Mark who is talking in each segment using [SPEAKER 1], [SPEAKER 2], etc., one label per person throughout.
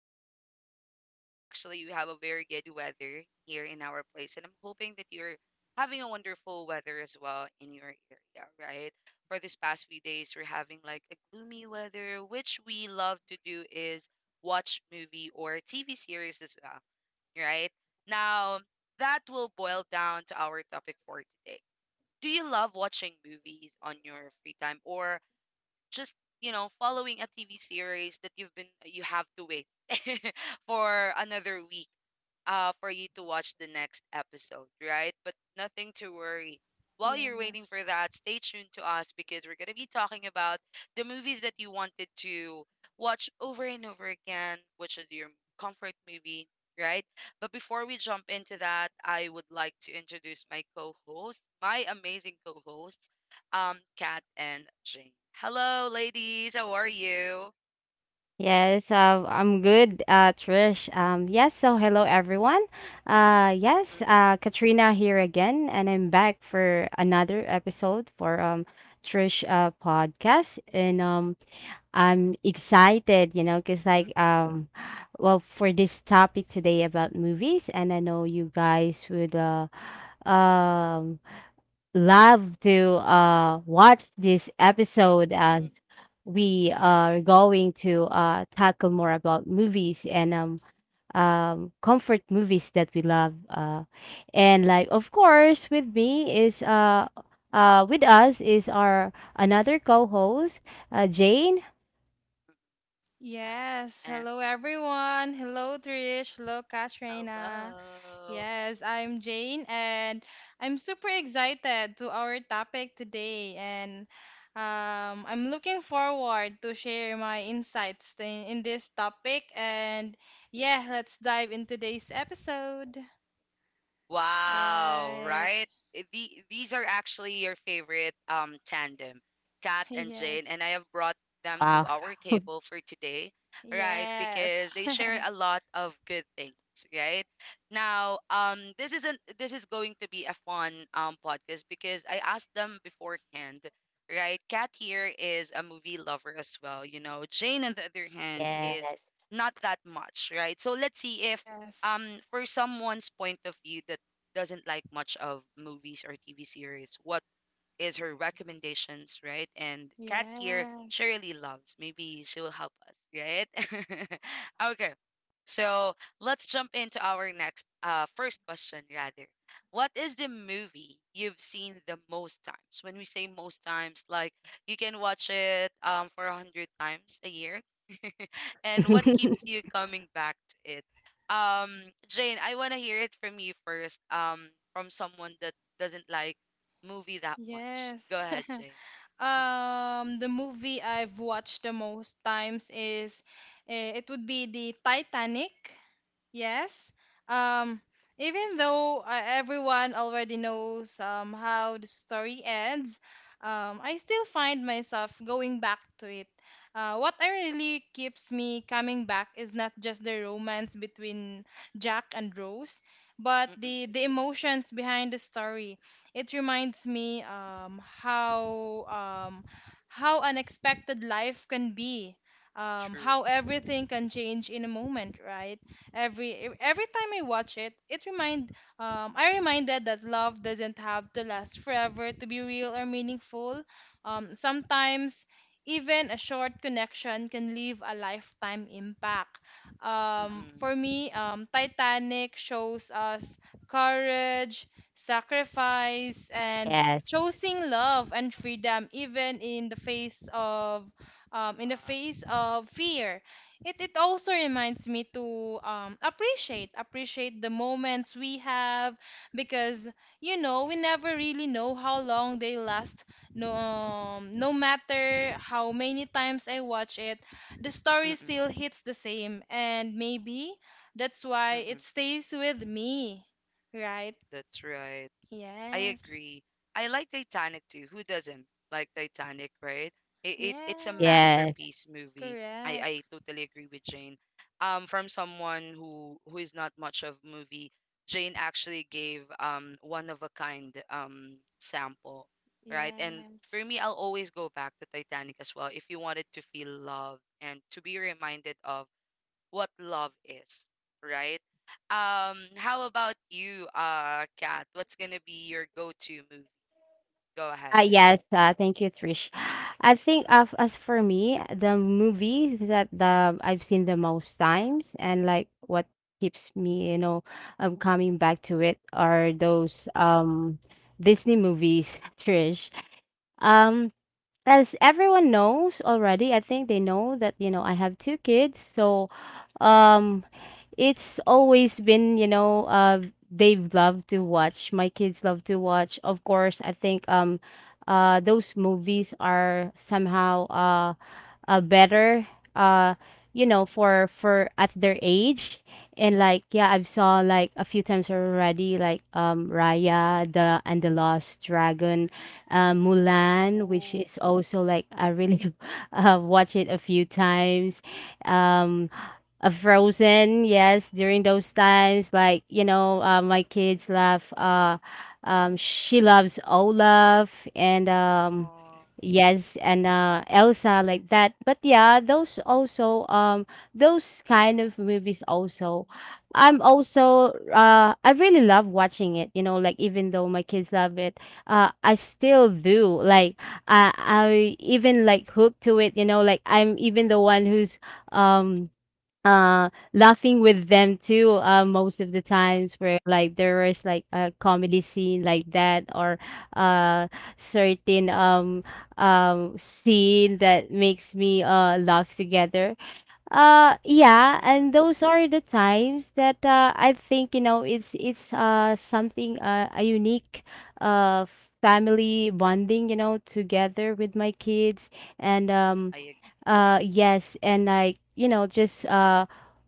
[SPEAKER 1] excited for today. Actually, we have a very good weather here in our place, and I'm hoping that you're having a wonderful weather as well in your area, right? For this past few days, we're having like a gloomy weather, which we love to do is watch movie or TV series as well, right? Now, that will boil down to our topic for today. Do you love watching movies on your free time, or just following a TV series that you have to wait for another week for you to watch the next episode, right? But nothing to worry. While you're waiting for
[SPEAKER 2] Yes.
[SPEAKER 1] that, stay tuned to us because we're going to be talking about the movies that you wanted to watch over and over again, which is your comfort movie, right? But before we jump into that, I would like to introduce my co host, my amazing co host, Kat and Jane. Hello, ladies. How are you?
[SPEAKER 3] Yes, I'm good, Trish. Yes, so hello everyone. Yes,
[SPEAKER 1] Mm-mm.
[SPEAKER 3] Katrina here again, and I'm back for another episode for Trish podcast, and I'm excited, you know, cause
[SPEAKER 1] Mm-mm.
[SPEAKER 3] like well for this topic today about movies, and I know you guys would um love to
[SPEAKER 1] Mm-mm.
[SPEAKER 3] watch this episode as
[SPEAKER 1] Mm-mm.
[SPEAKER 3] we are going to tackle more about movies and comfort movies that we love. And like, of course, with us is our another co-host, Jane.
[SPEAKER 2] Yes.
[SPEAKER 1] And
[SPEAKER 2] Hello, everyone. Hello, Trish. Hello, Katrina.
[SPEAKER 1] hello.
[SPEAKER 2] Yes, I'm Jane, and I'm super excited to our topic today. And I'm looking forward to share my insights in this topic. And yeah, let's dive in today's episode.
[SPEAKER 1] Wow,
[SPEAKER 2] Right.
[SPEAKER 1] right? These are actually your favorite tandem, Kat and Jane,
[SPEAKER 2] Yes.
[SPEAKER 1] and I have brought them to our table for today, right? Because
[SPEAKER 2] Yes.
[SPEAKER 1] they share a lot of good things, right? Now, this isn't this is going to be a fun podcast because I asked them beforehand, right? Kat here is a movie lover as well. Jane on the other hand is
[SPEAKER 3] Yes.
[SPEAKER 1] not that much, right? So let's see if
[SPEAKER 2] Yes.
[SPEAKER 1] for someone's point of view that doesn't like much of movies or TV series, what is her recommendations, right? And Kat here, she
[SPEAKER 2] Yes.
[SPEAKER 1] really loves. Maybe she will help us, right? Okay. So let's jump into our next first question rather. What is the movie you've seen the most times? When we say most times, like you can watch it for a hundred times a year, and what keeps you coming back to it? Um, Jane, I want to hear it from you first. From someone that doesn't like movie that much. Go
[SPEAKER 2] Yes.
[SPEAKER 1] ahead, Jane.
[SPEAKER 2] The movie I've watched the most times is it would be the Titanic. Yes. Um, Even though everyone already knows how the story ends, I still find myself going back to it. What I really keeps me coming back is not just the romance between Jack and Rose, but
[SPEAKER 1] Mm-mm.
[SPEAKER 2] the emotions behind the story. It reminds me um, how unexpected life can be,
[SPEAKER 1] True.
[SPEAKER 2] how everything can change in a moment, right? Every time I watch it, it remind I reminded that love doesn't have to last forever to be real or meaningful. Sometimes even a short connection can leave a lifetime impact. For
[SPEAKER 1] Mm-mm.
[SPEAKER 2] me, Titanic shows us courage, sacrifice, and
[SPEAKER 3] Yes.
[SPEAKER 2] choosing love and freedom even in the face of
[SPEAKER 1] Wow.
[SPEAKER 2] fear. It also reminds me to appreciate the moments we have because you know we never really know how long they last. No matter how many times I watch it, the story still
[SPEAKER 1] Mm-mm.
[SPEAKER 2] hits the same, and maybe that's why
[SPEAKER 1] Mm-mm.
[SPEAKER 2] it stays with me, right?
[SPEAKER 1] That's right. I
[SPEAKER 2] Yes.
[SPEAKER 1] agree. I like Titanic too. Who doesn't like Titanic, right? It's a
[SPEAKER 2] Yes,
[SPEAKER 3] Yes.
[SPEAKER 1] masterpiece movie. I
[SPEAKER 2] correct.
[SPEAKER 1] totally agree with Jane. From someone who is not much of movie, Jane actually gave one of a kind sample, right? And for
[SPEAKER 2] Yes.
[SPEAKER 1] me, I'll always go back to Titanic as well. If you wanted to feel loved and to be reminded of what love is, right? How about you, Kat? What's gonna be your go-to movie? Go ahead.
[SPEAKER 3] Yes, Thank you, Trish. I think of as for me, the movie that the I've seen the most times and like what keeps me, you know, coming back to it are those Disney movies, Trish. Um, as everyone knows already, I think they know that you know I have two kids, so um it's always been you know they love to watch my kids love to watch. Of course, I think those movies are somehow better, uh you know, for at their age. And like yeah, I've saw like a few times already, like Raya the And the Lost Dragon, Mulan, which
[SPEAKER 1] Oh.
[SPEAKER 3] is also like I really watched it a few times. Um, Frozen, yes, during those times, like you know, my kids love. She loves Olaf and
[SPEAKER 1] uh,
[SPEAKER 3] yes, and Elsa like that. But yeah, those also, those kind of movies also. I'm also I really love watching it. You know, like even though my kids love it, I still do. Like I even like hooked to it. You know, like I'm even the one who's um laughing with them too, most of the times where like there was like a comedy scene like that or uh certain scene that makes me laugh together. Yeah,
[SPEAKER 1] mm-mm.
[SPEAKER 3] and those are the times that I think, you know, it's something, a unique uh family bonding, you know, together with my kids. and um
[SPEAKER 1] I agree.
[SPEAKER 3] uh yes and like, you know, just uh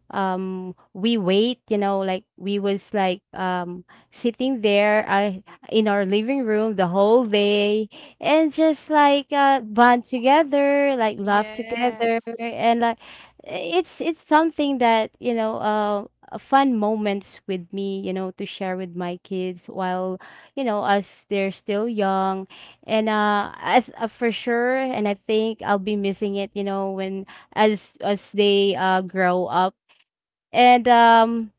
[SPEAKER 3] um we wait, you know, like we was like sitting there,
[SPEAKER 1] Mm-mm.
[SPEAKER 3] in our living room the whole day, and just like bond together, like laugh together.
[SPEAKER 2] Yes,
[SPEAKER 3] And like it's something that, you know, fun moments with me, you know, to share with my kids while, you know, as they're still young. And as for sure, and I think I'll be missing it, you know, when as they grow up. and um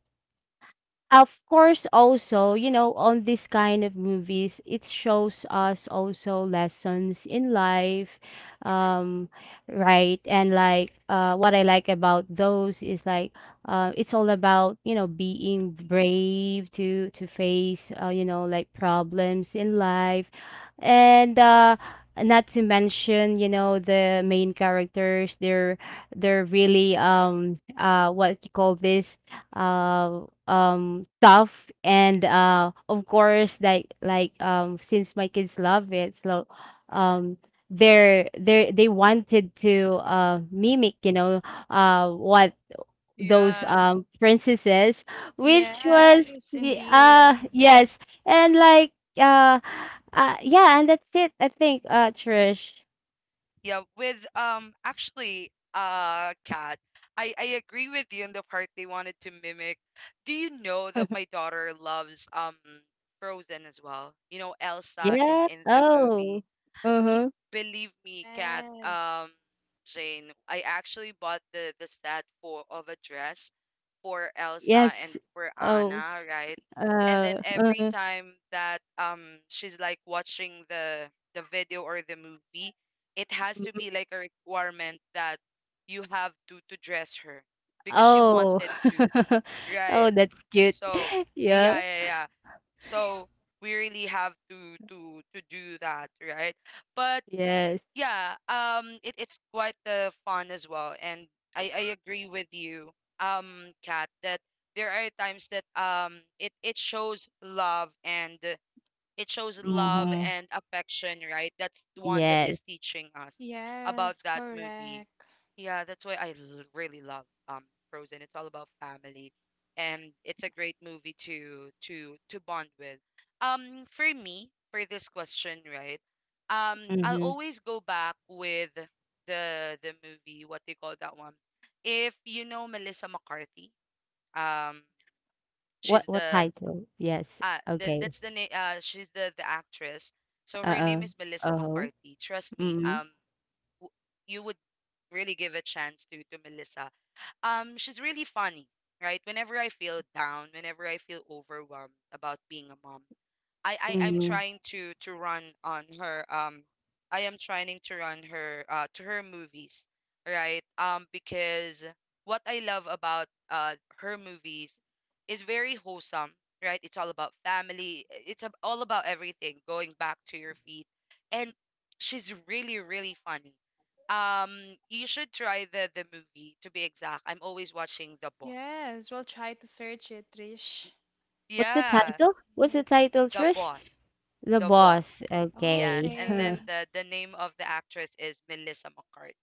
[SPEAKER 3] of course also, you know, on this kind of movies, it shows us also lessons in life.
[SPEAKER 1] True.
[SPEAKER 3] Um right. And like what I like about those is like it's all about, you know,
[SPEAKER 1] Mm-mm.
[SPEAKER 3] being brave to face, you know, like problems in life. And not to mention, you know, the main characters, they're really what you call this, stuff. And of course, like um, since my kids love it, so um they're they wanted to mimic, you know, what those
[SPEAKER 1] Yeah.
[SPEAKER 3] princesses,
[SPEAKER 2] yes indeed.
[SPEAKER 3] yes. And like uh, yeah, and that's it, I think, Trish.
[SPEAKER 1] Yeah, with actually Kat, I agree with you on the part they wanted to mimic. Do you know that my daughter loves Frozen as well? You know Elsa in
[SPEAKER 3] Yeah.
[SPEAKER 1] in the movie.
[SPEAKER 3] Oh,
[SPEAKER 1] Y-
[SPEAKER 3] uh-huh.
[SPEAKER 1] Believe me, Kat,
[SPEAKER 2] Yes.
[SPEAKER 1] Jane, I actually bought the set for of a dress for Elsa and
[SPEAKER 3] Yes.
[SPEAKER 1] for
[SPEAKER 3] Oh,
[SPEAKER 1] Anna, right? And
[SPEAKER 3] uh,
[SPEAKER 1] then every
[SPEAKER 3] uh-huh.
[SPEAKER 1] time that she's like watching the video or the movie, it has to be like a requirement that you have to dress her because she
[SPEAKER 3] Oh.
[SPEAKER 1] wanted to,
[SPEAKER 3] Oh,
[SPEAKER 1] right?
[SPEAKER 3] that's cute.
[SPEAKER 1] So
[SPEAKER 3] Yeah.
[SPEAKER 1] yeah, yeah, yeah. So we really have to do that, right? But
[SPEAKER 3] Yes.
[SPEAKER 1] yeah, it's quite fun as well, and I agree with you, Kat, that there are times that it shows love and it shows love
[SPEAKER 3] Mhm.
[SPEAKER 1] and affection, right? That's the one that
[SPEAKER 3] Yes.
[SPEAKER 1] is teaching us about
[SPEAKER 2] Yes,
[SPEAKER 1] that movie.
[SPEAKER 2] correct.
[SPEAKER 1] Yeah, that's why really love Frozen. It's all about family, and it's a great movie to bond with. For me, for this question, right? I'll
[SPEAKER 3] Mhm.
[SPEAKER 1] always go back with the movie. What they call that one? If you know Melissa McCarthy, um,
[SPEAKER 3] What
[SPEAKER 1] she's
[SPEAKER 3] what
[SPEAKER 1] the
[SPEAKER 3] title? Yes. Okay.
[SPEAKER 1] that's the name. She's the actress, so her
[SPEAKER 3] Uh-uh.
[SPEAKER 1] name is Melissa
[SPEAKER 3] Uh-huh.
[SPEAKER 1] McCarthy. Trust me,
[SPEAKER 3] Mhm.
[SPEAKER 1] w- you would really give a chance to Melissa. She's really funny, right? Whenever I feel down, whenever I feel overwhelmed about being a mom, I'm
[SPEAKER 3] Mhm.
[SPEAKER 1] trying to run on her I am trying to run her to her movies, right? Because what I love about her movies is very wholesome, right? It's all about family. All about everything going back to your feet. And she's really really funny. Um you should try the movie, to be exact. I'm always watching The Boss.
[SPEAKER 2] Yes, we'll try to search it, Trish.
[SPEAKER 3] What's the
[SPEAKER 1] Yeah,
[SPEAKER 3] title? What's the
[SPEAKER 2] Yes.
[SPEAKER 3] title,
[SPEAKER 1] The
[SPEAKER 3] Trish?
[SPEAKER 1] Boss.
[SPEAKER 3] The
[SPEAKER 1] The Boss.
[SPEAKER 3] Boss.
[SPEAKER 1] Yes,
[SPEAKER 3] Okay.
[SPEAKER 1] and
[SPEAKER 3] Huh.
[SPEAKER 1] then
[SPEAKER 2] Okay.
[SPEAKER 1] the name of the actress is Melissa McCarthy,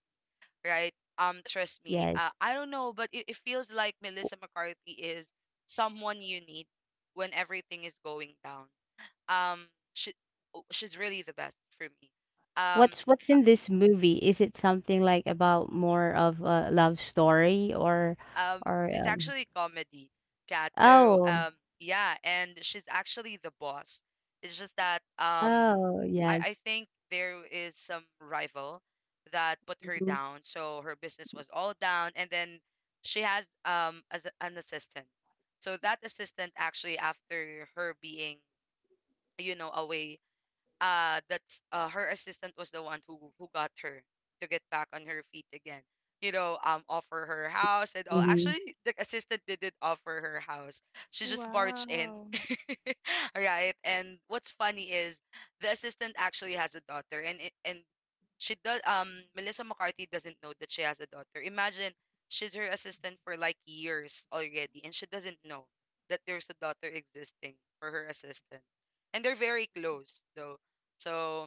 [SPEAKER 1] right? Trust me,
[SPEAKER 3] Yes.
[SPEAKER 1] I don't know, but it feels like Melissa McCarthy is someone you need when everything is going down. Um, she, oh, she's really the best for me. Um,
[SPEAKER 3] What's in this movie? Is it something like about more of a love story or
[SPEAKER 1] um
[SPEAKER 3] or
[SPEAKER 1] it's
[SPEAKER 3] um
[SPEAKER 1] actually comedy, Cat, so
[SPEAKER 3] oh,
[SPEAKER 1] yeah, and she's actually the boss. It's just that
[SPEAKER 3] oh,
[SPEAKER 1] I
[SPEAKER 3] yes.
[SPEAKER 1] think there is some rival that put her
[SPEAKER 3] Mhm.
[SPEAKER 1] down, so her business was all down. And then she has as an assistant. So that assistant, actually after her being away, that's her assistant was the one who got her to get back on her feet again, offer her house and all.
[SPEAKER 3] Mm-hmm.
[SPEAKER 1] Actually the assistant didn't offer her house, she just barged in.
[SPEAKER 2] Wow.
[SPEAKER 1] Right, and what's funny is the assistant actually has a daughter, and she does. Melissa McCarthy doesn't know that she has a daughter. Imagine, she's her assistant for like years already, and she doesn't know that there's a daughter existing for her assistant, and they're very close though. So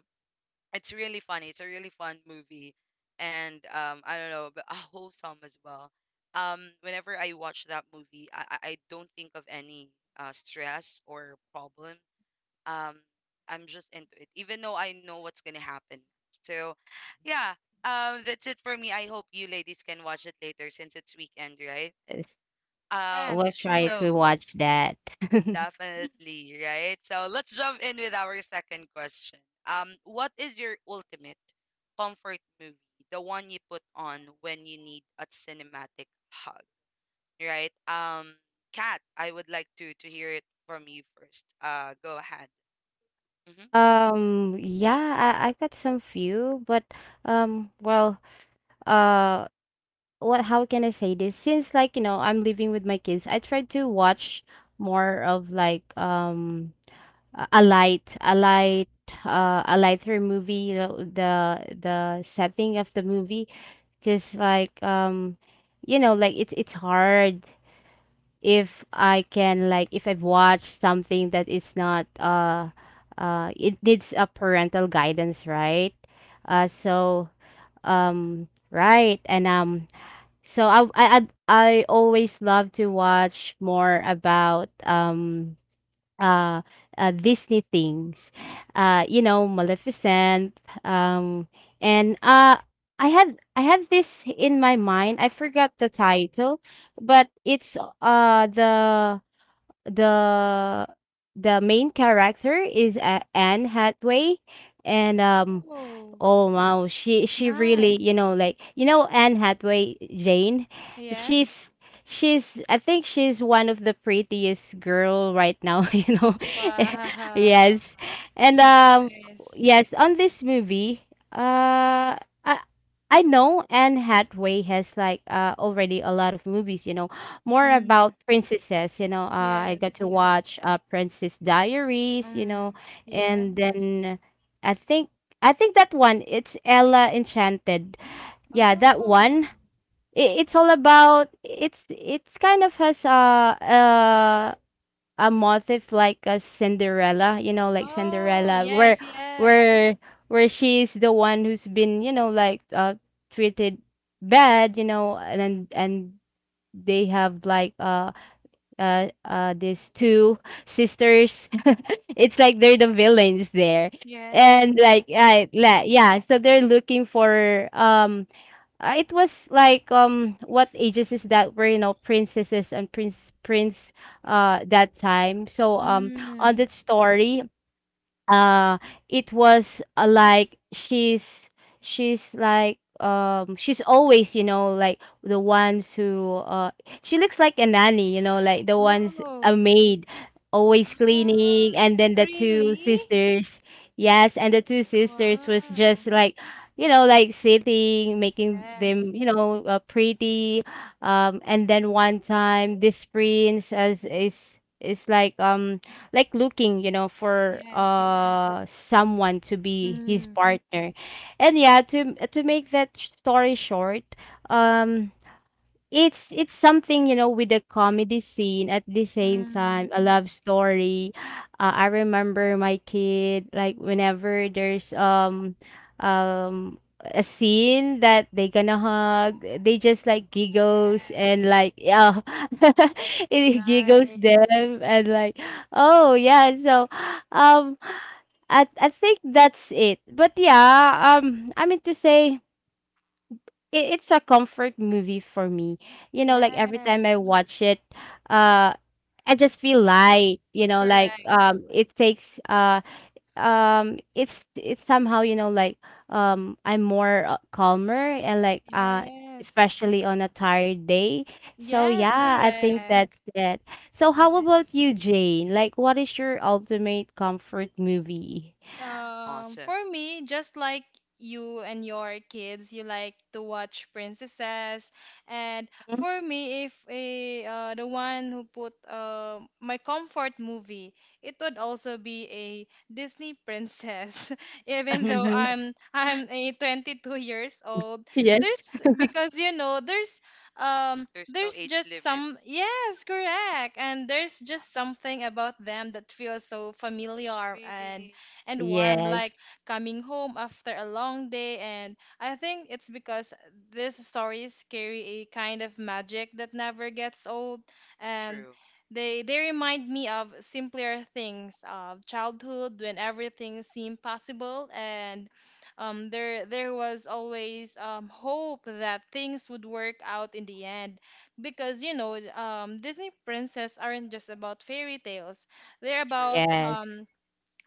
[SPEAKER 1] it's really funny. It's a really fun movie, and I don't know, but wholesome as well. Whenever I watch that movie, I don't think of any stress or problem. Um, I'm just into it, even though I know what's gonna happen. So, yeah, that's it for me. I hope you ladies can watch it later since it's weekend, right?
[SPEAKER 3] Yes.
[SPEAKER 1] Um,
[SPEAKER 3] We'll
[SPEAKER 2] Yes,
[SPEAKER 3] try if
[SPEAKER 2] sure.
[SPEAKER 3] we
[SPEAKER 1] so.
[SPEAKER 3] watch that.
[SPEAKER 1] Definitely, right? So let's jump in with our second question. What is your ultimate comfort movie? The one you put on when you need a cinematic hug, right? Kat, I would like to hear it from you first. Go ahead. Mm-hmm.
[SPEAKER 3] Um, yeah, I got some few, but um, well, uh, what, how can I say this? Since like, you know, I'm living with my kids, I try to watch more of like a light a light, a lighter movie, you know, the setting of the movie. Cause like You know, like it's hard if I can like if I've watched something that is not it needs a parental guidance, right? So right and so I always love to watch more about uh, Disney things. You know, Maleficent, and I had, this in my mind, I forgot the title, but it's the the main character is, Anne Hathaway. And um
[SPEAKER 2] Oh,
[SPEAKER 3] Oh wow, she really, you know, like,
[SPEAKER 2] nice.
[SPEAKER 3] you know, Anne Hathaway, Jane,
[SPEAKER 2] Yes.
[SPEAKER 3] she's she's I think she's one of the prettiest girl right now, you know.
[SPEAKER 2] Wow.
[SPEAKER 3] Yes. And
[SPEAKER 2] Nice.
[SPEAKER 3] yes, on this movie, uh I I know Anne Hathaway has like already a lot of movies, you know, more
[SPEAKER 2] Mm.
[SPEAKER 3] about princesses, you know. I got
[SPEAKER 2] Yes,
[SPEAKER 3] to watch
[SPEAKER 2] yes.
[SPEAKER 3] Princess Diaries, you know,
[SPEAKER 2] Mm.
[SPEAKER 3] and
[SPEAKER 2] Yes.
[SPEAKER 3] then I think I think that one, it's Ella Enchanted. Yeah, that
[SPEAKER 2] Oh.
[SPEAKER 3] one. It, it's all about, it's kind of has a motif like a Cinderella, you know, like
[SPEAKER 2] Oh,
[SPEAKER 3] Cinderella where
[SPEAKER 2] yes, yes.
[SPEAKER 3] where where she's the one who's been, you know, like treated bad, you know. And they have like these two sisters. It's like they're the villains there. And
[SPEAKER 2] Yes.
[SPEAKER 3] like I, la yeah, so they're looking for it was like what ages is that, were, you know, princesses and prince that time. So on
[SPEAKER 2] Mm.
[SPEAKER 3] that story, uh, it was like she's like she's always, you know, like the ones who she looks like a nanny, you know, like the ones, a
[SPEAKER 2] Oh,
[SPEAKER 3] maid, always cleaning.
[SPEAKER 2] ah,
[SPEAKER 3] And then the two
[SPEAKER 2] really?
[SPEAKER 3] sisters, yes. And the two sisters was just
[SPEAKER 2] Wow.
[SPEAKER 3] like, you know, like sitting, making them,
[SPEAKER 2] Yes.
[SPEAKER 3] you know, pretty. And then one time this prince as is like looking, you know, for
[SPEAKER 2] Yes, yes.
[SPEAKER 3] someone to be his
[SPEAKER 2] Mm,
[SPEAKER 3] partner. And yeah, to make that story short, um it's something, you know, with a comedy scene, at the same
[SPEAKER 2] mm,
[SPEAKER 3] time, a Mm. love story. I remember my kid, like, whenever there's a scene that they gonna hug, they just like giggles and
[SPEAKER 2] yes.
[SPEAKER 3] like yeah, it giggles
[SPEAKER 2] Nice.
[SPEAKER 3] them and like oh yeah. So um, I think that's it. But yeah, I mean to say it, it's a comfort movie for me. You know, like every time I
[SPEAKER 2] Yes.
[SPEAKER 3] watch it, uh, I just feel light. You know, like
[SPEAKER 2] Correct.
[SPEAKER 3] it's somehow, you know, like I'm more, calmer, and like,
[SPEAKER 2] Yes.
[SPEAKER 1] Hmm.
[SPEAKER 3] especially on a tired day. So
[SPEAKER 2] Yes,
[SPEAKER 3] yeah, I think that's
[SPEAKER 2] correct.
[SPEAKER 3] it. So how about
[SPEAKER 2] Yes.
[SPEAKER 3] you, Jane? Like, what is your ultimate comfort movie?
[SPEAKER 1] Awesome.
[SPEAKER 2] For me, just like you and your kids, you like to watch princesses. And
[SPEAKER 1] Mhm.
[SPEAKER 2] for me, if a the one who put my comfort movie, it would also be a Disney princess. Even though I'm a 22 years old,
[SPEAKER 3] Yes.
[SPEAKER 2] there's because you know
[SPEAKER 1] There's no
[SPEAKER 2] there's
[SPEAKER 1] age
[SPEAKER 2] just
[SPEAKER 1] limit.
[SPEAKER 2] some yes correct and there's just something about them that feels so familiar
[SPEAKER 1] Really
[SPEAKER 2] and warm, like
[SPEAKER 3] Yes,
[SPEAKER 2] coming home after a long day. And I think it's because these stories carry a kind of magic that never gets old, and
[SPEAKER 1] true,
[SPEAKER 2] they remind me of simpler things of childhood when everything seemed possible, and there was always hope that things would work out in the end because you know Disney princess aren't just about fairy tales. They're
[SPEAKER 1] true.
[SPEAKER 2] about
[SPEAKER 3] yes,
[SPEAKER 2] um,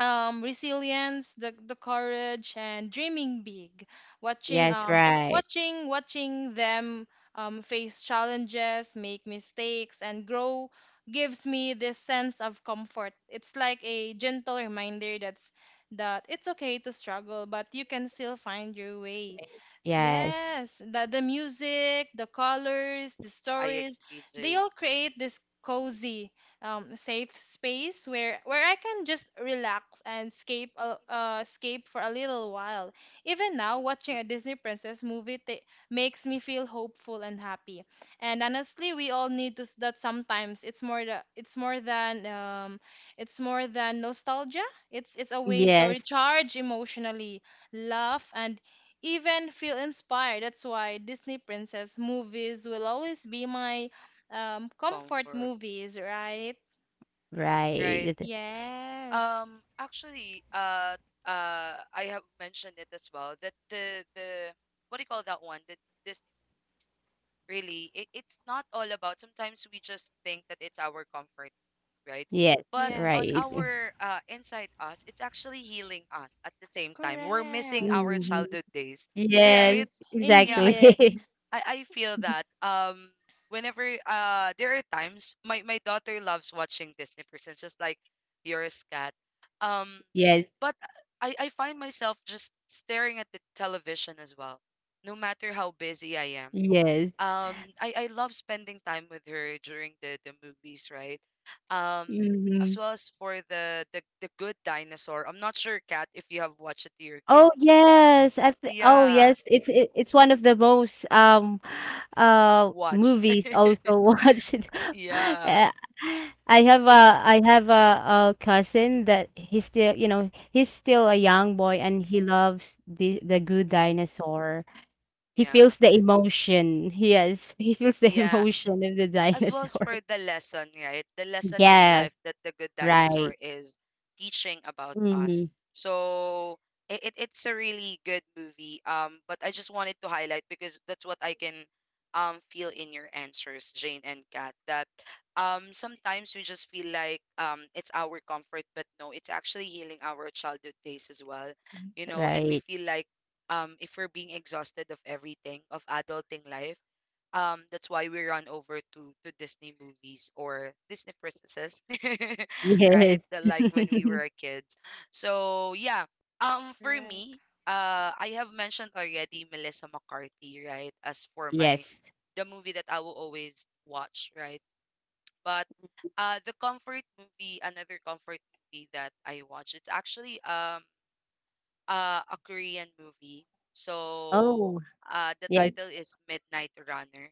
[SPEAKER 2] um resilience, the courage, and dreaming big. watching
[SPEAKER 3] yes,
[SPEAKER 2] um
[SPEAKER 3] right.
[SPEAKER 2] watching watching them face challenges, make mistakes, and grow gives me this sense of comfort. It's like a gentle reminder that's that it's okay to struggle but you can still find your way.
[SPEAKER 3] Yes.
[SPEAKER 2] Yes, the music, the colors, the
[SPEAKER 1] I
[SPEAKER 2] stories,
[SPEAKER 1] agree,
[SPEAKER 2] they
[SPEAKER 1] Jane.
[SPEAKER 2] all create this cozy, safe space where I can just relax and escape for a little while. Even now, watching a Disney princess movie makes me feel hopeful and happy. And honestly, we all need to that sometimes. It's more than it's more than nostalgia. It's a
[SPEAKER 1] Mm-mm.
[SPEAKER 2] way to
[SPEAKER 3] Yes.
[SPEAKER 2] recharge emotionally, laugh, and even feel inspired. That's why Disney princess movies will always be my comfort
[SPEAKER 1] Comfort,
[SPEAKER 2] movies, right?
[SPEAKER 1] right?
[SPEAKER 3] Right.
[SPEAKER 2] Yes.
[SPEAKER 1] Actually, I have mentioned it as well that the what do you call that one? That this really it's not all about. Sometimes we just think that it's our comfort, right?
[SPEAKER 3] Yes.
[SPEAKER 1] But
[SPEAKER 2] Yes.
[SPEAKER 1] on
[SPEAKER 3] Right.
[SPEAKER 1] our inside us, it's actually healing us at the same time. We're missing
[SPEAKER 2] Correct.
[SPEAKER 1] our
[SPEAKER 3] Mhm.
[SPEAKER 1] childhood days, right?
[SPEAKER 3] Yes.
[SPEAKER 2] Yes,
[SPEAKER 1] Yeah,
[SPEAKER 3] Exactly.
[SPEAKER 1] I,
[SPEAKER 2] indeed.
[SPEAKER 1] I I feel that whenever there are times my daughter loves watching Disney Princess just like yours, Cat. Um
[SPEAKER 3] Yes.
[SPEAKER 1] but I find myself just staring at the television as well. No matter how busy I am.
[SPEAKER 3] Yes.
[SPEAKER 1] Um I love spending time with her during the movies, right? Um as
[SPEAKER 3] Mhm.
[SPEAKER 1] well as for the Good Dinosaur. I'm not sure, Cat, if you have watched it to your
[SPEAKER 3] Oh,
[SPEAKER 1] kids.
[SPEAKER 3] yes. I th Oh,
[SPEAKER 1] Yeah,
[SPEAKER 3] yes. It's it, it's one of the most
[SPEAKER 1] watched.
[SPEAKER 3] movies also watched.
[SPEAKER 1] Yeah.
[SPEAKER 3] Uh, I have a
[SPEAKER 1] Mm.
[SPEAKER 3] cousin that he's still, you know, he's still a young boy and he loves the Good
[SPEAKER 1] Mm.
[SPEAKER 3] Dinosaur. He
[SPEAKER 1] Yeah.
[SPEAKER 3] feels the emotion. Yes, he feels the
[SPEAKER 1] Yeah.
[SPEAKER 3] emotion of the
[SPEAKER 1] As well as
[SPEAKER 3] dinosaur.
[SPEAKER 1] for the lesson, right? The lesson in
[SPEAKER 3] Yes,
[SPEAKER 1] life that the Good
[SPEAKER 3] right.
[SPEAKER 1] Dinosaur is teaching about us.
[SPEAKER 3] Mhm,
[SPEAKER 1] So it's a really good movie. But I just wanted to highlight because that's what I can feel in your answers, Jane and Kat, that sometimes we just feel like it's our comfort, but no, it's actually healing our childhood days as well. And we
[SPEAKER 3] right.
[SPEAKER 1] feel like if we're being exhausted of everything, of adulting life. That's why we run over to Disney movies or Disney princesses, right?
[SPEAKER 3] Yes.
[SPEAKER 1] Like when we were kids. So yeah, for
[SPEAKER 2] Correct.
[SPEAKER 1] me, I have mentioned already Melissa McCarthy, right? As for my
[SPEAKER 3] Yes.
[SPEAKER 1] the movie that I will always watch, right? But the comfort movie, another comfort movie that I watch, it's actually a Korean movie. So
[SPEAKER 3] Oh,
[SPEAKER 1] the
[SPEAKER 3] yes.
[SPEAKER 1] title is Midnight Runner,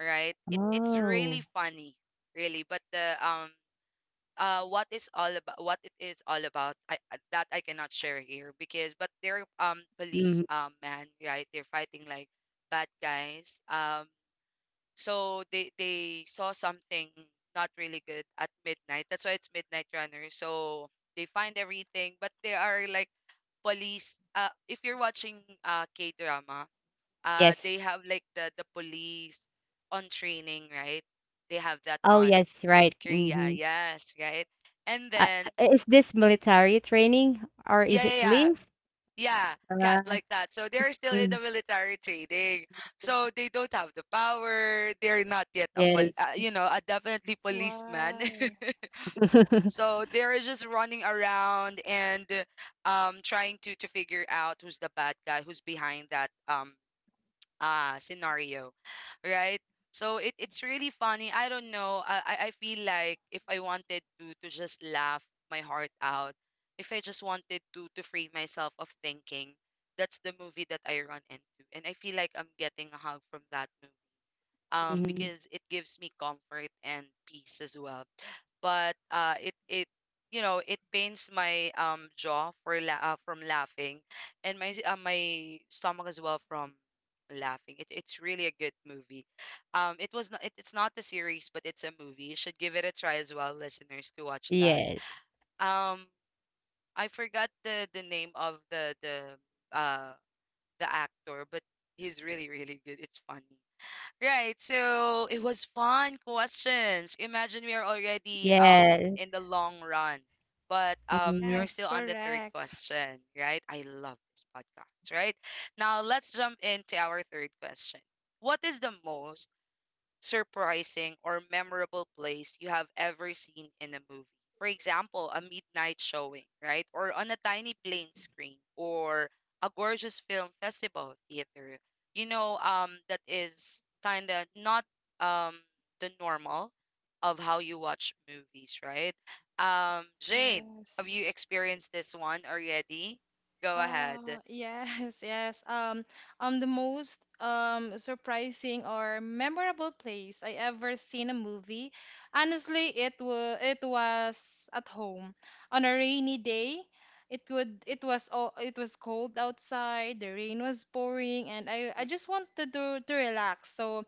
[SPEAKER 1] right? It's
[SPEAKER 3] Oh.
[SPEAKER 1] really funny, really. But the what is all about, what it is all about, that I cannot share here, because but they're police
[SPEAKER 3] Mhm,
[SPEAKER 1] man, right? They're fighting like bad guys. So they saw something not really good at midnight. That's why it's Midnight Runner. So they find everything, but they are like police. If you're watching K drama, they
[SPEAKER 3] yes.
[SPEAKER 1] have like the police on training, right? They have that
[SPEAKER 3] Oh,
[SPEAKER 1] on
[SPEAKER 3] yes, right.
[SPEAKER 1] Korea,
[SPEAKER 3] Mhm.
[SPEAKER 1] yes, right? And
[SPEAKER 3] Uh,
[SPEAKER 1] then
[SPEAKER 3] is this military training or
[SPEAKER 1] yeah,
[SPEAKER 3] is
[SPEAKER 1] yeah,
[SPEAKER 3] it
[SPEAKER 1] yeah,
[SPEAKER 3] police?
[SPEAKER 1] yeah, Cat,
[SPEAKER 3] Uh,
[SPEAKER 1] like that. So they're still in
[SPEAKER 3] mm,
[SPEAKER 1] the military training, so they don't have the power. They're not yet a
[SPEAKER 3] yes.
[SPEAKER 1] a definitely policeman.
[SPEAKER 2] Wow.
[SPEAKER 1] So they're just running around and trying to figure out who's the bad guy, who's behind that scenario, right? So it's really funny. I don't know, I feel like if I wanted to just laugh my heart out, if I just wanted to free myself of thinking, that's the movie that I run into, and I feel like I'm getting a hug from that movie.
[SPEAKER 3] Mhm.
[SPEAKER 1] Because it gives me comfort and peace as well. But it it you know it pains my jaw for from laughing, and my my stomach as well from laughing. It's really a good movie. It was not, it, it's not a series, but it's a movie. You should give it a try as well, listeners, to watch that.
[SPEAKER 3] Yes.
[SPEAKER 1] Um, I forgot the name of uh the actor, but he's really really good. It's funny. Right. So it was fun questions. Imagine we are already
[SPEAKER 3] Yes.
[SPEAKER 1] in the long run, but we are
[SPEAKER 3] Mhm.
[SPEAKER 2] Yes,
[SPEAKER 1] still on the third
[SPEAKER 2] correct.
[SPEAKER 1] question, right? I love this podcast, right? Now let's jump into our third question. What is the most surprising, or memorable place you have ever seen in a movie? For example, a midnight showing, right? Or on a tiny plane screen, or a gorgeous film festival theater. You know, that is kind of not um, the normal of how you watch movies, right? Jane, have
[SPEAKER 2] Yes.
[SPEAKER 1] you experienced this one already? Go ahead.
[SPEAKER 2] Oh, yes, yes. The most surprising or memorable place I ever seen a movie. Honestly, it was at home on a rainy day. It would it was all it was cold outside. The rain was pouring, and I
[SPEAKER 1] Mm.
[SPEAKER 2] just wanted to relax. So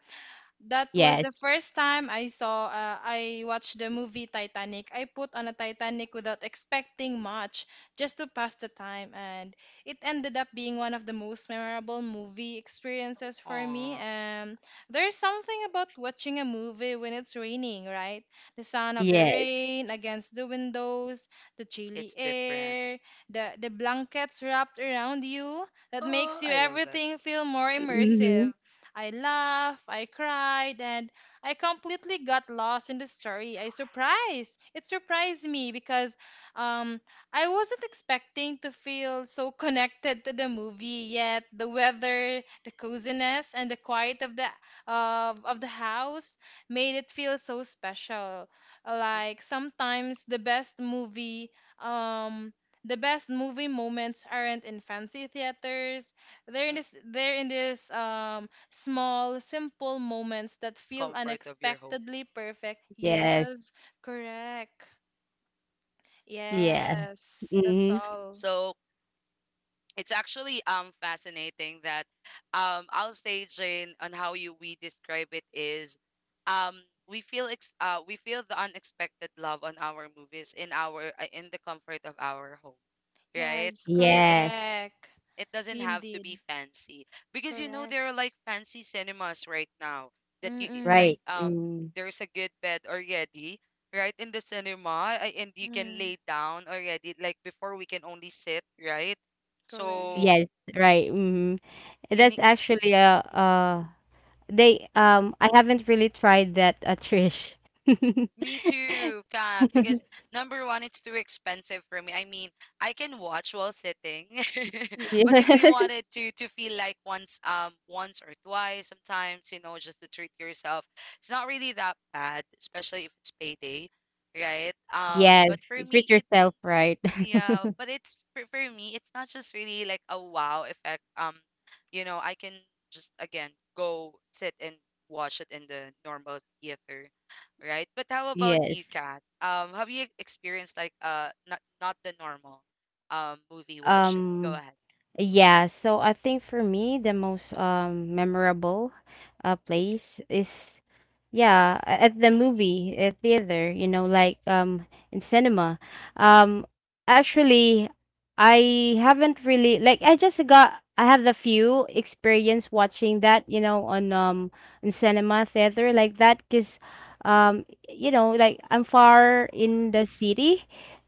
[SPEAKER 2] that was
[SPEAKER 3] Yes.
[SPEAKER 2] the first time I saw, I watched the movie Titanic. I put on a Titanic without expecting much, just to pass the time, and it ended up being one of the most memorable movie experiences for me.
[SPEAKER 1] Aw.
[SPEAKER 2] There's something about watching a movie when it's raining, right? The sound of the
[SPEAKER 3] Yes.
[SPEAKER 2] rain against the windows, the chilly
[SPEAKER 1] It's different.
[SPEAKER 2] air, the blankets wrapped around you, that
[SPEAKER 1] Oh,
[SPEAKER 2] makes you
[SPEAKER 1] I love that.
[SPEAKER 2] everything feel more
[SPEAKER 3] Mhm.
[SPEAKER 2] immersive. I laughed, I cried, and I completely got lost in the story. I surprised. It surprised me because um, I wasn't expecting to feel so connected to the movie yet. The weather, the coziness, and the quiet of the house made it feel so special.
[SPEAKER 1] Mm,
[SPEAKER 2] Like sometimes um the best movie moments aren't in fancy theaters. They're in
[SPEAKER 1] mm, mm.
[SPEAKER 2] this they're in this um small, simple moments that feel
[SPEAKER 1] Comfort of your home.
[SPEAKER 2] unexpectedly perfect.
[SPEAKER 1] Mm,
[SPEAKER 3] Yes.
[SPEAKER 2] Yes, correct.
[SPEAKER 1] mm.
[SPEAKER 3] Yeah.
[SPEAKER 2] Yes, that's
[SPEAKER 3] Mhm.
[SPEAKER 2] all.
[SPEAKER 1] So it's actually fascinating that I'll say, Jane, on how you we describe it is, um we feel we feel the unexpected love on our movies in our in the comfort of our home, right?
[SPEAKER 2] Yes,
[SPEAKER 1] it
[SPEAKER 3] Yes.
[SPEAKER 2] correct.
[SPEAKER 1] It doesn't have to be
[SPEAKER 2] Indeed.
[SPEAKER 1] fancy because you know
[SPEAKER 2] Correct.
[SPEAKER 1] there are like fancy cinemas right now that you like,
[SPEAKER 2] Mm-mm.
[SPEAKER 3] Right. Mm.
[SPEAKER 1] there's a good bed already right in the cinema, and you can
[SPEAKER 2] Mm,
[SPEAKER 1] lay down already. Like, before we can only sit, right?
[SPEAKER 2] correct.
[SPEAKER 1] So
[SPEAKER 3] Yes. Right. Mhm. That's
[SPEAKER 1] any.
[SPEAKER 3] actually they I haven't really tried that, Trish.
[SPEAKER 1] Me too, Kat. Because number one, it's too expensive for me. I mean, I can watch while sitting, but if you
[SPEAKER 3] Yes.
[SPEAKER 1] wanted to feel like once, once or twice, sometimes, you know, just to treat yourself, it's not really that bad, especially if it's payday, right? But
[SPEAKER 3] Yes.
[SPEAKER 1] for
[SPEAKER 3] Treat
[SPEAKER 1] me, it's
[SPEAKER 3] yourself right.
[SPEAKER 1] yeah, but it's for me, it's not just really like a wow effect. You know, I can just again go sit and watch it in the normal theater, right? But how about you,
[SPEAKER 3] Yes.
[SPEAKER 1] Kat? Have you experienced like not not the normal movie watching? Go
[SPEAKER 3] Um,
[SPEAKER 1] ahead.
[SPEAKER 3] yeah, so I think for me the most memorable place is yeah, at the movie, at theater, you know, like in cinema. Um actually, I haven't really like I just got I have the few experience watching that, you know, on in cinema theater like that, cuz you know, like I'm far in the city.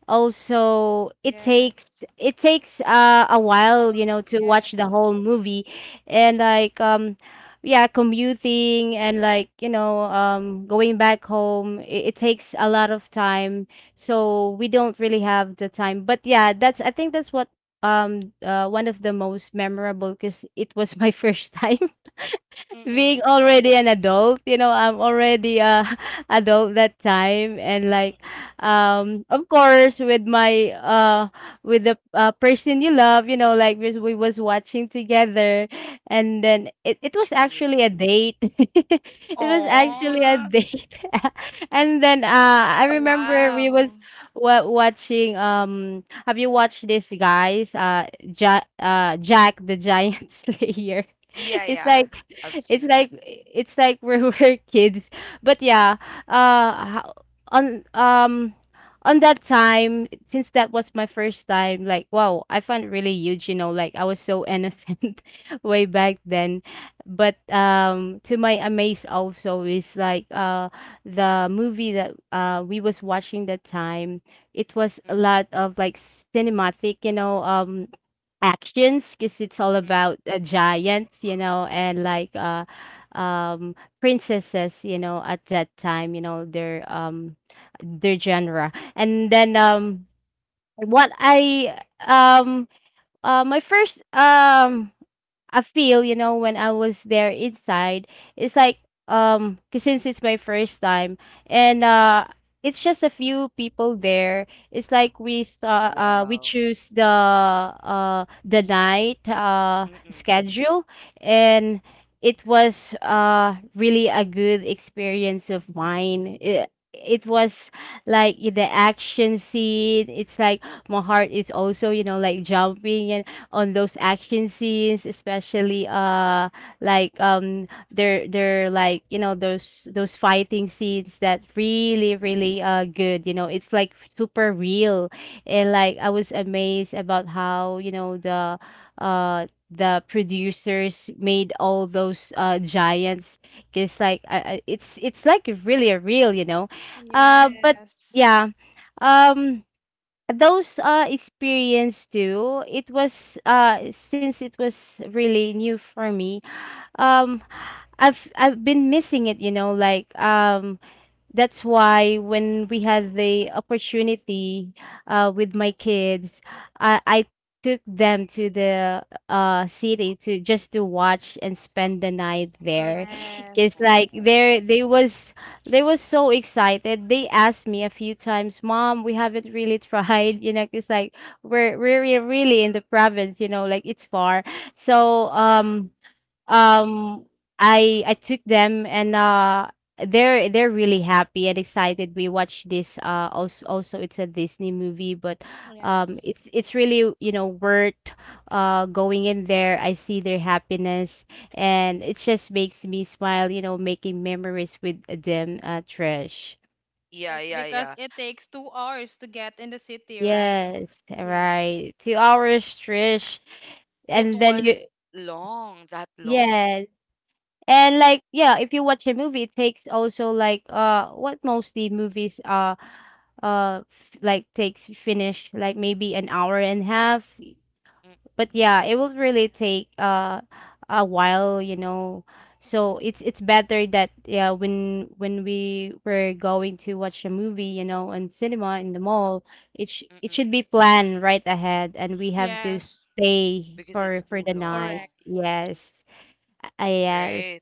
[SPEAKER 3] Also, it takes
[SPEAKER 2] Yes.
[SPEAKER 3] it takes uh, a
[SPEAKER 2] Oh,
[SPEAKER 3] while, you know, to watch the
[SPEAKER 2] yes.
[SPEAKER 3] whole movie, and like yeah, commuting and like, you know, going back home, it takes a lot of time, so we don't really have the time. But yeah, that's I think that's what, one of the most memorable, because it was my first time being
[SPEAKER 1] Mm-mm,
[SPEAKER 3] already an adult. You know, I'm already a adult that time. And like
[SPEAKER 1] mm-mm.
[SPEAKER 3] of course with my with the person you love. You know, like we was watching together, and then it was
[SPEAKER 1] True.
[SPEAKER 3] actually a date. It was actually a
[SPEAKER 1] Oh.
[SPEAKER 3] date. And then I
[SPEAKER 2] Oh,
[SPEAKER 3] remember we was
[SPEAKER 2] wow.
[SPEAKER 3] watching. Have you watched this, guys? Jack the Giant Slayer.
[SPEAKER 1] Yeah,
[SPEAKER 3] It's
[SPEAKER 1] yeah.
[SPEAKER 3] like,
[SPEAKER 1] I've
[SPEAKER 3] it's
[SPEAKER 1] seen that.
[SPEAKER 3] like it's like we're, we're kids. But yeah, uh ho- on um on that time, since that was my first time, like, wow, I found it really huge. You know, like, I was so innocent, way back then. But to my amaze also is, like, the movie that we was watching that time, it was
[SPEAKER 1] Mm-mm,
[SPEAKER 3] a lot of like cinematic, you know, actions, cause it's all
[SPEAKER 1] mm-mm,
[SPEAKER 3] about, giants, you know, and like, um, princesses, you know, at that time, you know, their genre. And then, what
[SPEAKER 1] mm-mm.
[SPEAKER 3] I, um my first I feel, you know, when I was there inside. It's like 'cause since it's my first time, and it's just a few people there. It's like we start we
[SPEAKER 1] Wow.
[SPEAKER 3] choose the night
[SPEAKER 1] Mm-mm,
[SPEAKER 3] schedule. And it was really a good experience of mine. It was like in the action scene. It's like my heart is also, you know, like jumping, and on those action scenes, especially, like they're like, you know, those fighting scenes that really really good, you know. It's like super real. And like I was amazed about how, you know, the producers made all those giants, because like, it's like really real, you know. But
[SPEAKER 2] Yes.
[SPEAKER 1] mm-mm,
[SPEAKER 3] yeah. um those, experience too, it was, since it was really new for me,
[SPEAKER 1] mm-mm.
[SPEAKER 3] um, I've been missing it. You know, like, that's why when we had the opportunity with my kids, I took them to the city, to just to watch and spend the night there. It's
[SPEAKER 2] Yes.
[SPEAKER 3] like
[SPEAKER 1] Aw.
[SPEAKER 3] there they was so excited. They asked me a few times, "Mom, we haven't really tried, you know. It's like we're really really in the province, you know, like it's far." So um I took them. And they're really happy and excited. We watched this also it's a Disney movie. But
[SPEAKER 2] Yes.
[SPEAKER 3] it's really, you know, worth going in there. I see their happiness, and it just makes me smile, you know, making memories with them, Trish.
[SPEAKER 1] Yeah,
[SPEAKER 2] Yes,
[SPEAKER 1] yeah, yeah.
[SPEAKER 2] because it takes 2 hours to get in the city, right?
[SPEAKER 3] Yes, right,
[SPEAKER 2] Yes.
[SPEAKER 3] 2 hours, Trish.
[SPEAKER 1] It
[SPEAKER 3] And then you,
[SPEAKER 1] was long, that long.
[SPEAKER 3] yes. And like, yeah, if you watch a movie, it takes also, like, what mostly movies like takes, finish, like, maybe an hour and a half.
[SPEAKER 1] Mm,
[SPEAKER 3] But yeah, it will really take a while, you know. So it's better that, yeah, when we were going to watch a movie, you know, in cinema, in the mall, it
[SPEAKER 1] mm-mm,
[SPEAKER 3] should be planned right ahead. And we have to
[SPEAKER 2] Yeah.
[SPEAKER 3] stay
[SPEAKER 1] because it's
[SPEAKER 3] for
[SPEAKER 1] too
[SPEAKER 3] the night.
[SPEAKER 1] long.
[SPEAKER 2] Correct.
[SPEAKER 1] Mm.
[SPEAKER 3] Yes. Yes.
[SPEAKER 1] Right.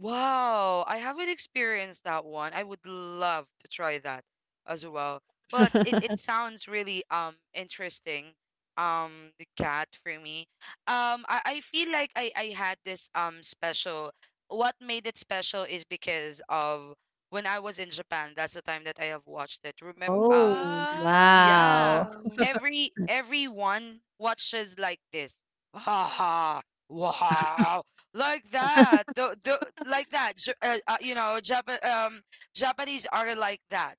[SPEAKER 1] Wow, I haven't experienced that one. I would love to try that as well. But it sounds really interesting. The cat for me. I feel like I had this special. What made it special is because of when I was in Japan. That's the time that I have watched it. Remember,
[SPEAKER 3] Oh, wow.
[SPEAKER 1] yeah.
[SPEAKER 2] Wow.
[SPEAKER 1] Every everyone watches like this. Ha ha. Wow. Like that. The like that. You know, Japan Japanese are like that,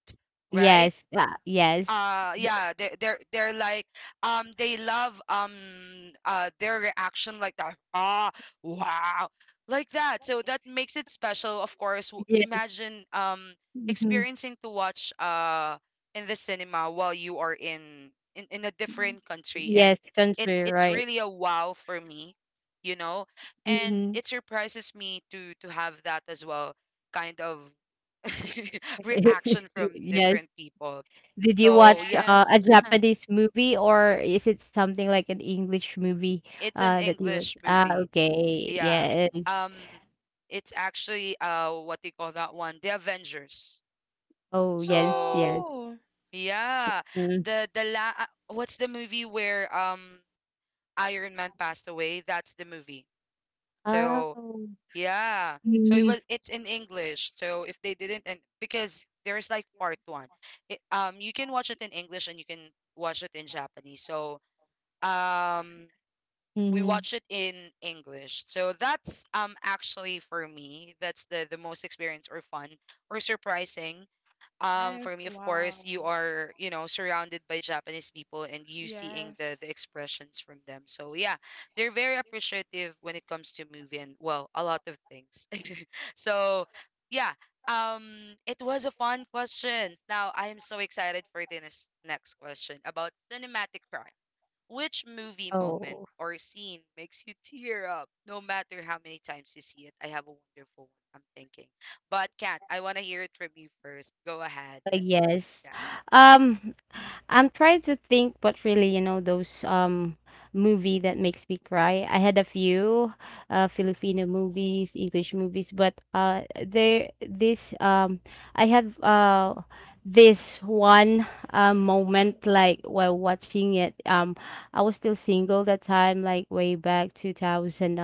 [SPEAKER 1] right?
[SPEAKER 3] Yes, ah, yes. The
[SPEAKER 1] Yeah, they they're like, they love their reaction like that. Ah, wow, like that. So that makes it special, of course.
[SPEAKER 3] yes,
[SPEAKER 1] Imagine
[SPEAKER 3] mhm.
[SPEAKER 1] experiencing to watch in the cinema while you are in in a different country, and
[SPEAKER 3] Yes, country,
[SPEAKER 1] it's
[SPEAKER 3] right.
[SPEAKER 1] really a wow for me, you know. And
[SPEAKER 3] Mhm.
[SPEAKER 1] it surprises me to have that as well, kind of reaction from
[SPEAKER 3] Yes.
[SPEAKER 1] different people.
[SPEAKER 3] Did you
[SPEAKER 1] So
[SPEAKER 3] watch,
[SPEAKER 1] yeah,
[SPEAKER 2] Yes.
[SPEAKER 3] a Japanese movie, or is it something like an English movie,
[SPEAKER 1] it's an
[SPEAKER 3] that you was,
[SPEAKER 1] English
[SPEAKER 3] ah,
[SPEAKER 1] movie.
[SPEAKER 3] okay,
[SPEAKER 1] Yeah.
[SPEAKER 3] yes.
[SPEAKER 1] Um it's actually what do you call that one? The Avengers.
[SPEAKER 3] Oh, yes, yes.
[SPEAKER 1] So
[SPEAKER 2] Oh.
[SPEAKER 1] yeah,
[SPEAKER 3] Mm.
[SPEAKER 1] the la what's the movie where Iron Man passed away? That's the movie. So
[SPEAKER 3] Oh.
[SPEAKER 1] yeah. So it
[SPEAKER 3] Mhm.
[SPEAKER 1] was it's in English. So if they didn't, and because there's like part 1. It, you can watch it in English and you can watch it in Japanese. So um we
[SPEAKER 3] Mhm.
[SPEAKER 1] watch it in English. So that's actually for me, that's the most experience or fun or surprising. For
[SPEAKER 2] Yes.
[SPEAKER 1] me, of course, you
[SPEAKER 2] Wow.
[SPEAKER 1] are, you know, surrounded by Japanese people and you seeing
[SPEAKER 2] Yes.
[SPEAKER 1] the expressions from them. So yeah, they're very appreciative when it comes to movie and, well, a lot of things. So yeah, it was a fun question. Now I am so excited for the next next question about cinematic crime. Which movie moment
[SPEAKER 3] Oh.
[SPEAKER 1] or scene makes you tear up no matter how many times you see it? I have a wonderful one. I'm thinking. But Kat, I want to hear it from you first. Go ahead.
[SPEAKER 3] Yes.
[SPEAKER 1] Yeah.
[SPEAKER 3] Um, I'm trying to think what really, you know, those movie that makes me cry. I had a few Filipino movies, English movies. But there this I have this one moment, like while watching it. I was still single that time, like way back 2000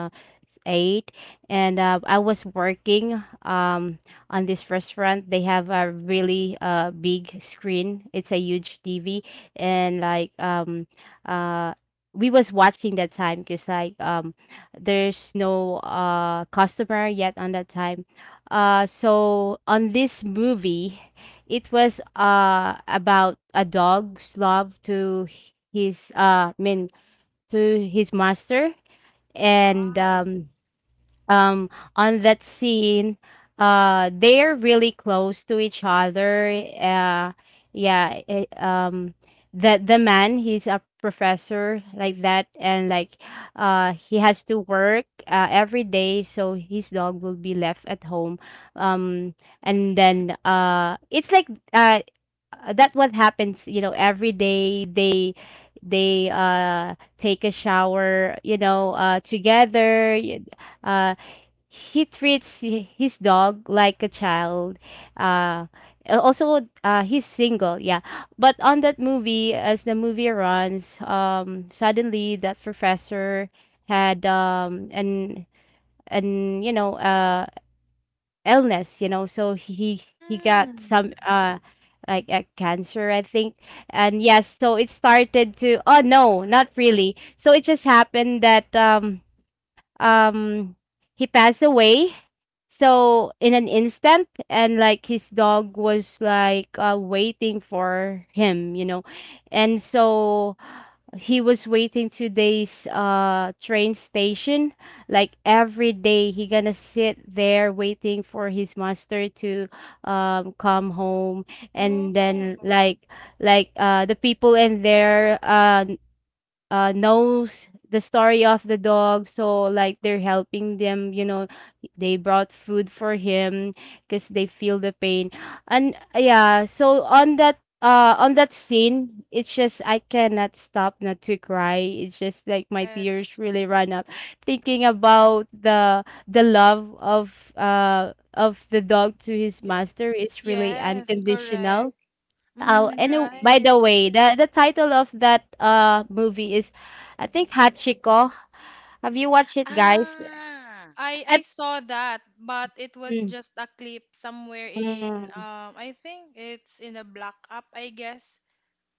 [SPEAKER 3] eight, And I was working on this restaurant. They have a really big screen. It's a huge TV. And like uh we was watching that time, because like there's no customer yet on that time. So on this movie, it was about a dog's love to his I mean, to his master. And
[SPEAKER 2] Wow.
[SPEAKER 3] um on that scene,
[SPEAKER 1] Mm-mm.
[SPEAKER 3] they're really close to each other. uh yeah. The man, he's a professor like that. And like, he has to work every day, so his dog will be left at home. um and then it's like uh that what happens, you know. Every day they take a shower, you know, together. Uh he treats his dog like a child. Uh, also, he's single, yeah. But on that movie, as the movie runs, suddenly that professor had an you know, illness, you know. So he got
[SPEAKER 2] Mm.
[SPEAKER 3] some like a cancer, I think. And yes, so it started to, oh no, not really. So it just happened that um he passed away, so in an instant. And like his dog was like, waiting for him, you know. And so he was waiting, today's train station, like every day he gonna sit there waiting for his master to come home. And then,
[SPEAKER 2] Oh.
[SPEAKER 3] like the people in there knows the story of the dog. So like they're helping them, you know. They brought food for him, because they feel the pain.
[SPEAKER 1] Oh.
[SPEAKER 3] And yeah, so on that scene, it's just, I cannot stop not to cry. It's just like my tears
[SPEAKER 2] Yes.
[SPEAKER 3] really run up, thinking about the love of the dog to his
[SPEAKER 2] Yeah.
[SPEAKER 3] master. It's really
[SPEAKER 2] Yes. Correct.
[SPEAKER 3] unconditional. Oh,
[SPEAKER 2] Mm,
[SPEAKER 3] and
[SPEAKER 1] Definitely.
[SPEAKER 3] by the
[SPEAKER 2] right.
[SPEAKER 3] way, the title of that movie is, I think, Hachiko. Have you watched it, guys?
[SPEAKER 1] Ah.
[SPEAKER 2] I
[SPEAKER 3] At
[SPEAKER 2] saw that, but it was
[SPEAKER 3] mm,
[SPEAKER 2] just a clip somewhere in
[SPEAKER 3] mm.
[SPEAKER 2] I think it's in a black app, I guess.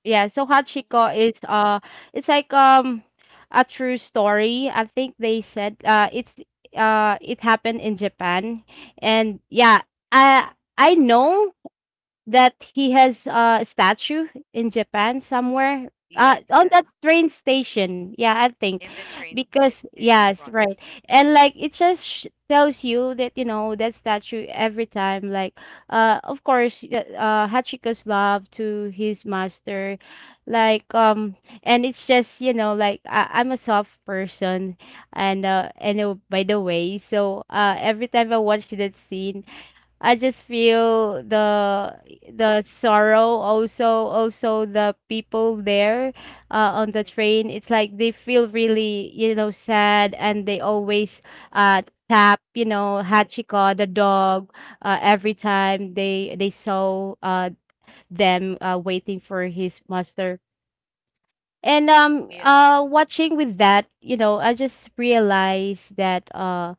[SPEAKER 3] Yeah, so
[SPEAKER 1] Oh.
[SPEAKER 3] Hachiko is, it's like, a true story. I think they said, it's, it happened in Japan. And yeah, I I know that he has a statue in Japan somewhere,
[SPEAKER 1] Yes, yeah.
[SPEAKER 3] on that train station, yeah, I
[SPEAKER 1] In
[SPEAKER 3] think,
[SPEAKER 1] the train,
[SPEAKER 3] because
[SPEAKER 1] in
[SPEAKER 3] yes,
[SPEAKER 1] front.
[SPEAKER 3] right. And like it just sh tells you that, you know, that statue, every time, like, Hachiko's love to his master, like, and it's just, you know, like I I'm a soft person. And by the way, so every time I watch that scene, I just feel the sorrow. Also also the people there, on the
[SPEAKER 1] Mm.
[SPEAKER 3] train, it's like they feel really, you know, sad. And they always uh tap, you know, Hachiko the dog, every time they saw them waiting for his master. And
[SPEAKER 1] Yeah,
[SPEAKER 3] watching with that, you know, I just realized that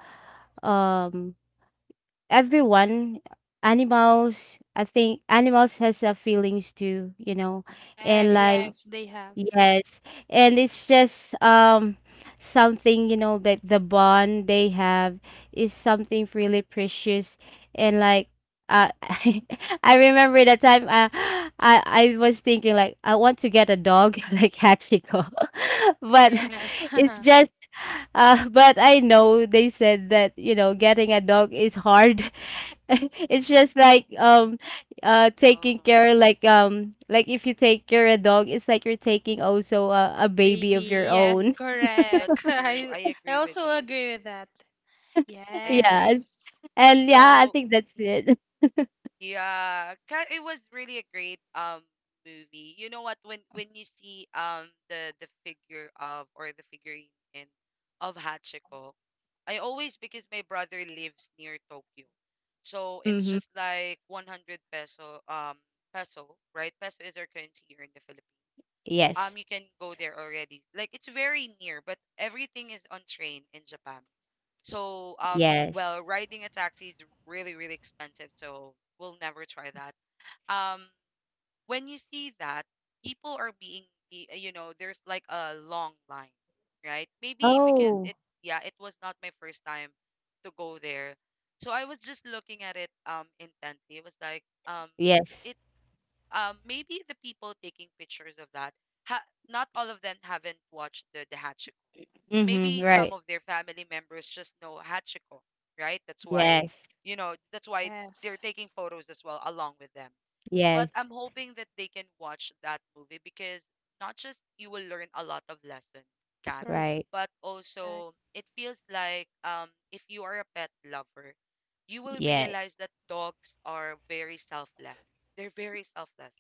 [SPEAKER 3] um everyone, animals, I think animals has a feelings too, you know. And
[SPEAKER 2] Correct.
[SPEAKER 1] they have.
[SPEAKER 3] like,
[SPEAKER 2] Yes, they have.
[SPEAKER 3] yes. And it's just something, you know, that the bond they have is something really precious. And like, uh, I I remember that time, I was thinking like, I want to get a dog like Hachiko.
[SPEAKER 1] Mm.
[SPEAKER 3] But
[SPEAKER 2] Yes.
[SPEAKER 3] it's just but I know they said that, you know, getting a dog is hard. It's just like
[SPEAKER 1] Yeah.
[SPEAKER 3] taking care, like if you take care a dog, it's like you're taking also a
[SPEAKER 2] A
[SPEAKER 3] baby of
[SPEAKER 2] baby.
[SPEAKER 3] your
[SPEAKER 2] Yes,
[SPEAKER 3] own.
[SPEAKER 1] That's
[SPEAKER 2] correct.
[SPEAKER 1] true. I
[SPEAKER 2] I
[SPEAKER 1] agree with
[SPEAKER 2] also
[SPEAKER 1] you.
[SPEAKER 2] agree with that.
[SPEAKER 1] I agree.
[SPEAKER 3] Yes.
[SPEAKER 2] Yes.
[SPEAKER 3] And yeah, I
[SPEAKER 1] So,
[SPEAKER 3] think that's it.
[SPEAKER 1] yeah, Ka- it was really a great movie. You know what? When you see the figure of or the figurine in of Hachiko, I always, because my brother lives near Tokyo, so it's
[SPEAKER 3] Mm-hmm.
[SPEAKER 1] just like 100 peso peso, right? Peso is our currency here in the Philippines.
[SPEAKER 3] Yes.
[SPEAKER 1] You can go there already. Like, it's very near, but everything is on train in Japan. So,
[SPEAKER 3] Yes.
[SPEAKER 1] well, riding a taxi is really, really expensive, so we'll never try that. Um, when you see that, people are being, you know, there's like a long line, right? Maybe because
[SPEAKER 3] Oh,
[SPEAKER 1] it, yeah, it was not my first time to go there. So I was just looking at it intently. It was like, it,
[SPEAKER 3] yes.
[SPEAKER 1] maybe the people taking pictures of that, ha, not all of them haven't watched the maybe
[SPEAKER 3] Mm-hmm.
[SPEAKER 1] some
[SPEAKER 3] Right.
[SPEAKER 1] of their family members just know Hachiko, right? That's why,
[SPEAKER 3] Yes.
[SPEAKER 1] you know, that's why they're
[SPEAKER 2] Yes.
[SPEAKER 1] taking photos as well along with them. But
[SPEAKER 3] Yes.
[SPEAKER 1] I'm hoping that they can watch that movie because not just you will learn a lot of lesson, Kat,
[SPEAKER 2] Correct.
[SPEAKER 3] Right.
[SPEAKER 1] but
[SPEAKER 2] Correct.
[SPEAKER 1] also it feels like if you are a pet lover, you will
[SPEAKER 3] Yes.
[SPEAKER 1] realize that dogs are very selfless. They're very selfless.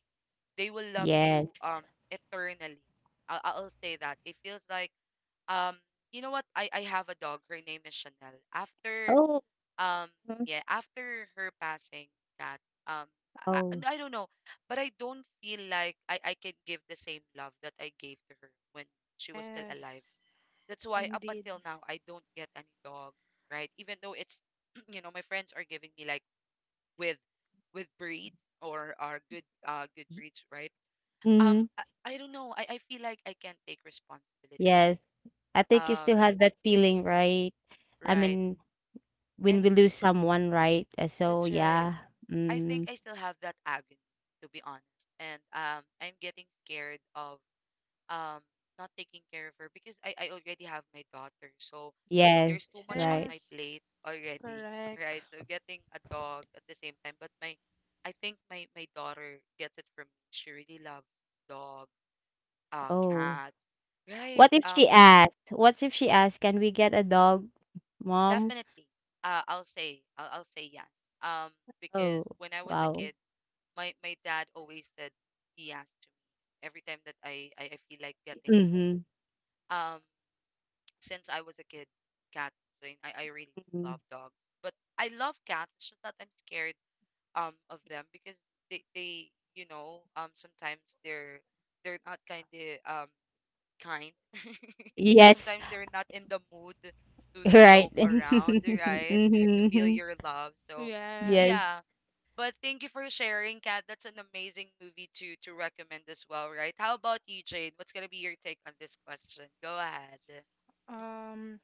[SPEAKER 1] They will love
[SPEAKER 3] Yes.
[SPEAKER 1] you eternally. I'll say that. It feels like, um you know what, I have a dog, her name is Chanel after
[SPEAKER 3] Oh.
[SPEAKER 1] um
[SPEAKER 3] Mhm.
[SPEAKER 1] yeah, after her passing, that um
[SPEAKER 3] Oh.
[SPEAKER 1] I don't know, but I don't feel like I can give the same love that I gave to her when she was still alive.
[SPEAKER 2] Yes.
[SPEAKER 1] That's why up
[SPEAKER 2] Indeed.
[SPEAKER 1] until now I don't get any dogs, right? Even though it's you know, my friends are giving me like with with breeds, or are good good breeds, right? um
[SPEAKER 3] Mm-hmm.
[SPEAKER 1] I, I don't know, I feel like I can't take responsibility
[SPEAKER 3] Yes.
[SPEAKER 1] anymore.
[SPEAKER 3] I think you
[SPEAKER 1] um
[SPEAKER 3] still have that feeling, right? I
[SPEAKER 1] right.
[SPEAKER 3] mean, when
[SPEAKER 1] And
[SPEAKER 3] we lose someone, right? So
[SPEAKER 1] that's right.
[SPEAKER 3] yeah.
[SPEAKER 1] I think
[SPEAKER 3] Mm.
[SPEAKER 1] I still have that agony, to be honest. And I'm getting scared of um not taking care of her because I already have my daughter. So
[SPEAKER 3] Yes,
[SPEAKER 1] there's too much on
[SPEAKER 3] right.
[SPEAKER 1] my
[SPEAKER 2] Yes.
[SPEAKER 1] plate already,
[SPEAKER 2] Correct.
[SPEAKER 1] right? So getting a dog at the same time, but my, I think my my daughter gets it from me. She really loves dog,
[SPEAKER 3] Oh.
[SPEAKER 1] cat, right?
[SPEAKER 3] What if she asked? What if she asked, "Can we get a dog, mom?"
[SPEAKER 1] Definitely. I'll say yes. Um, because
[SPEAKER 3] Oh,
[SPEAKER 1] when I was a
[SPEAKER 3] wow.
[SPEAKER 1] kid, my dad always said, he asked to me every time that I feel like getting a dog.
[SPEAKER 3] Mhm,
[SPEAKER 1] Um, since I was a kid, cat. I mean, I really do
[SPEAKER 3] mhm.
[SPEAKER 1] love dogs, but I love cats. It's just that I'm scared of them because they, you know, sometimes they're not kind of um kind.
[SPEAKER 3] Yes,
[SPEAKER 1] Sometimes they're not in the mood to joke
[SPEAKER 3] right.
[SPEAKER 1] around, right? To feel
[SPEAKER 3] Mhm.
[SPEAKER 1] your love. So
[SPEAKER 3] Yes.
[SPEAKER 2] Yes.
[SPEAKER 1] yeah. But thank you for sharing, Kat. That's an amazing movie to recommend as well, right? How about you, Jane? What's gonna be your take on this question? Go ahead. Mhm.
[SPEAKER 2] Um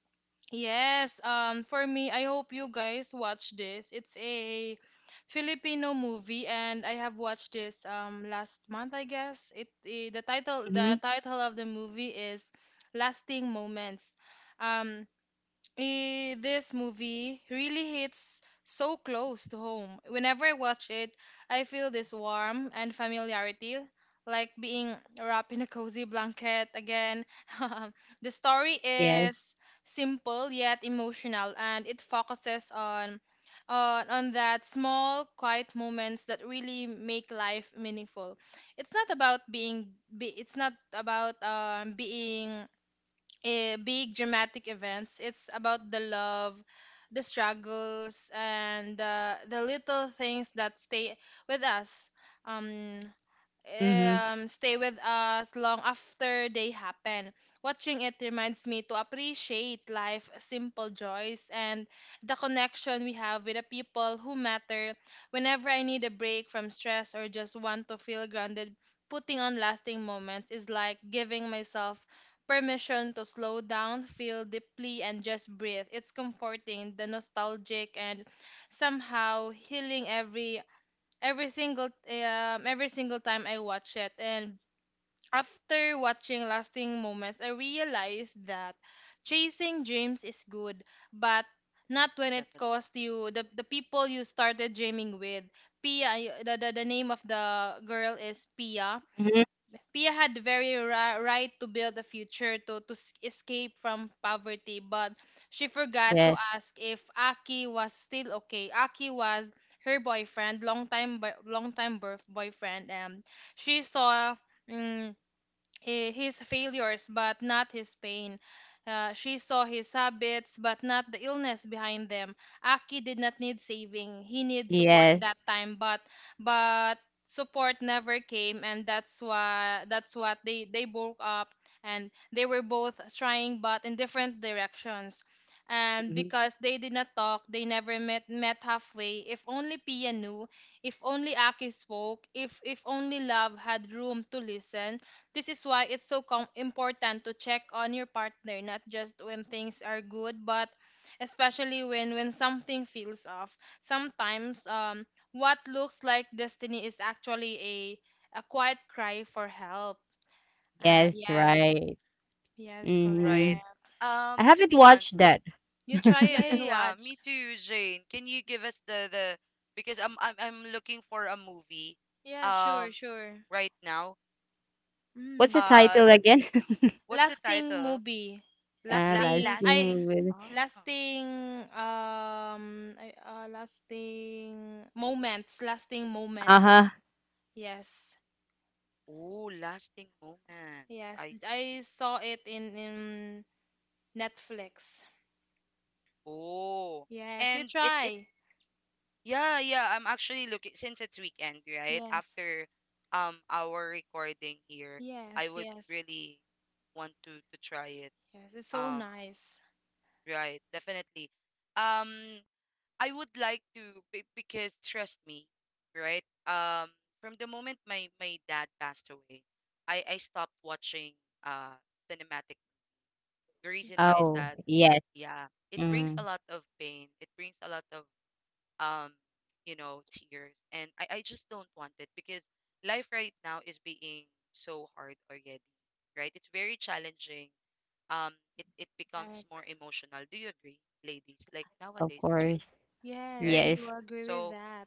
[SPEAKER 2] yes, um, for me, I hope you guys watch this. It's a Filipino movie, and I have watched this last month, I guess. It, eh, the
[SPEAKER 3] Mhm.
[SPEAKER 2] title of the movie is Lasting Moments. Um this movie really hits so close to home. Whenever I watch it, I feel this warm and familiarity, like being wrapped in a cozy blanket again. The story
[SPEAKER 3] Yes.
[SPEAKER 2] is simple yet emotional, and it focuses on on that small, quiet moments that really make life meaningful. It's not about being big dramatic events. It's about the love, the struggles, and the little things that stay with us. Um,
[SPEAKER 3] Mhm.
[SPEAKER 2] Stay with us long after they happen. Watching it reminds me to appreciate life's simple joys, and the connection we have with the people who matter. Whenever I need a break from stress or just want to feel grounded, putting on lasting moments is like giving myself permission to slow down, feel deeply, and just breathe. It's comforting, the nostalgic, and somehow healing every single time I watch it. And after watching Lasting Moments, I realized that chasing dreams is good, but not when it
[SPEAKER 1] Definitely.
[SPEAKER 2] cost you the people you started dreaming with. Pia y- the name of the girl is Pia.
[SPEAKER 3] Mhm.
[SPEAKER 2] Pia had the very right to build a future, to escape from poverty, but she forgot to
[SPEAKER 3] Yes.
[SPEAKER 2] ask if Aki was still okay. Aki was her boyfriend, long time birth boyfriend, and she saw mm, his failures but not his pain. She saw his habits but not the illness behind them. Aki did not need saving. He needed support
[SPEAKER 3] Yes.
[SPEAKER 2] that time, but support never came, and that's why that's what they broke up, and they were both trying but in different directions. And
[SPEAKER 3] Mhm.
[SPEAKER 2] because they did not talk, they never met halfway. If only Pia knew, if only Aki spoke, if only love had room to listen, this is why it's so important to check on your partner not just when things are good but especially when something feels off. Sometimes what looks like destiny is actually a quiet cry for help.
[SPEAKER 3] Yes,
[SPEAKER 2] Yes.
[SPEAKER 3] right.
[SPEAKER 2] Yes,
[SPEAKER 1] Right.
[SPEAKER 3] Mhm.
[SPEAKER 2] correct.
[SPEAKER 3] I
[SPEAKER 1] To
[SPEAKER 3] haven't
[SPEAKER 1] be on,
[SPEAKER 3] watched that.
[SPEAKER 2] You try
[SPEAKER 1] yeah,
[SPEAKER 2] it
[SPEAKER 1] yeah,
[SPEAKER 2] and
[SPEAKER 1] yeah,
[SPEAKER 2] watch.
[SPEAKER 1] me too, Jane. Can you give us the, because I'm I'm looking for a movie,
[SPEAKER 2] Yeah, sure,
[SPEAKER 1] um,
[SPEAKER 2] sure.
[SPEAKER 1] right now.
[SPEAKER 3] What's
[SPEAKER 2] Mm.
[SPEAKER 3] the title
[SPEAKER 1] That,
[SPEAKER 3] again?
[SPEAKER 1] what's the
[SPEAKER 2] Last thing
[SPEAKER 1] title?
[SPEAKER 2] movie. Last
[SPEAKER 3] Ah,
[SPEAKER 1] La
[SPEAKER 3] last
[SPEAKER 2] thing.
[SPEAKER 3] lasting
[SPEAKER 1] lasting.
[SPEAKER 3] with
[SPEAKER 1] Ah,
[SPEAKER 2] Lasting lasting moments, lasting
[SPEAKER 3] uh-huh.
[SPEAKER 2] moments. Yes,
[SPEAKER 1] oh, lasting moments.
[SPEAKER 2] yes,
[SPEAKER 1] I
[SPEAKER 2] I
[SPEAKER 1] see.
[SPEAKER 2] saw it in Netflix.
[SPEAKER 1] Oh,
[SPEAKER 2] Yes, you
[SPEAKER 1] and it
[SPEAKER 2] try.
[SPEAKER 1] yeah, yeah. I'm actually looking, since it's weekend, right?
[SPEAKER 2] Yes,
[SPEAKER 1] After our recording here, I
[SPEAKER 2] yes,
[SPEAKER 1] would
[SPEAKER 2] yes,
[SPEAKER 1] really want to try it.
[SPEAKER 2] yes, it's so
[SPEAKER 1] Um,
[SPEAKER 2] nice.
[SPEAKER 1] right, definitely. Um, I would like to because trust me, right? From the moment my my dad passed away, I stopped watching uh cinematic. The reason why is
[SPEAKER 3] Oh,
[SPEAKER 1] that
[SPEAKER 3] yes.
[SPEAKER 1] yeah, it brings
[SPEAKER 3] Mm,
[SPEAKER 1] a lot of pain. It brings a lot of um tears, and I just don't want it because life right now is being so hard already, right? It's very challenging. um it becomes more
[SPEAKER 2] Correct.
[SPEAKER 1] emotional, do you agree, ladies? Like
[SPEAKER 3] of
[SPEAKER 1] nowadays it's really
[SPEAKER 3] course.
[SPEAKER 2] Yes,
[SPEAKER 1] hard, right?
[SPEAKER 2] I do
[SPEAKER 3] Yes.
[SPEAKER 2] agree with
[SPEAKER 1] So
[SPEAKER 2] that.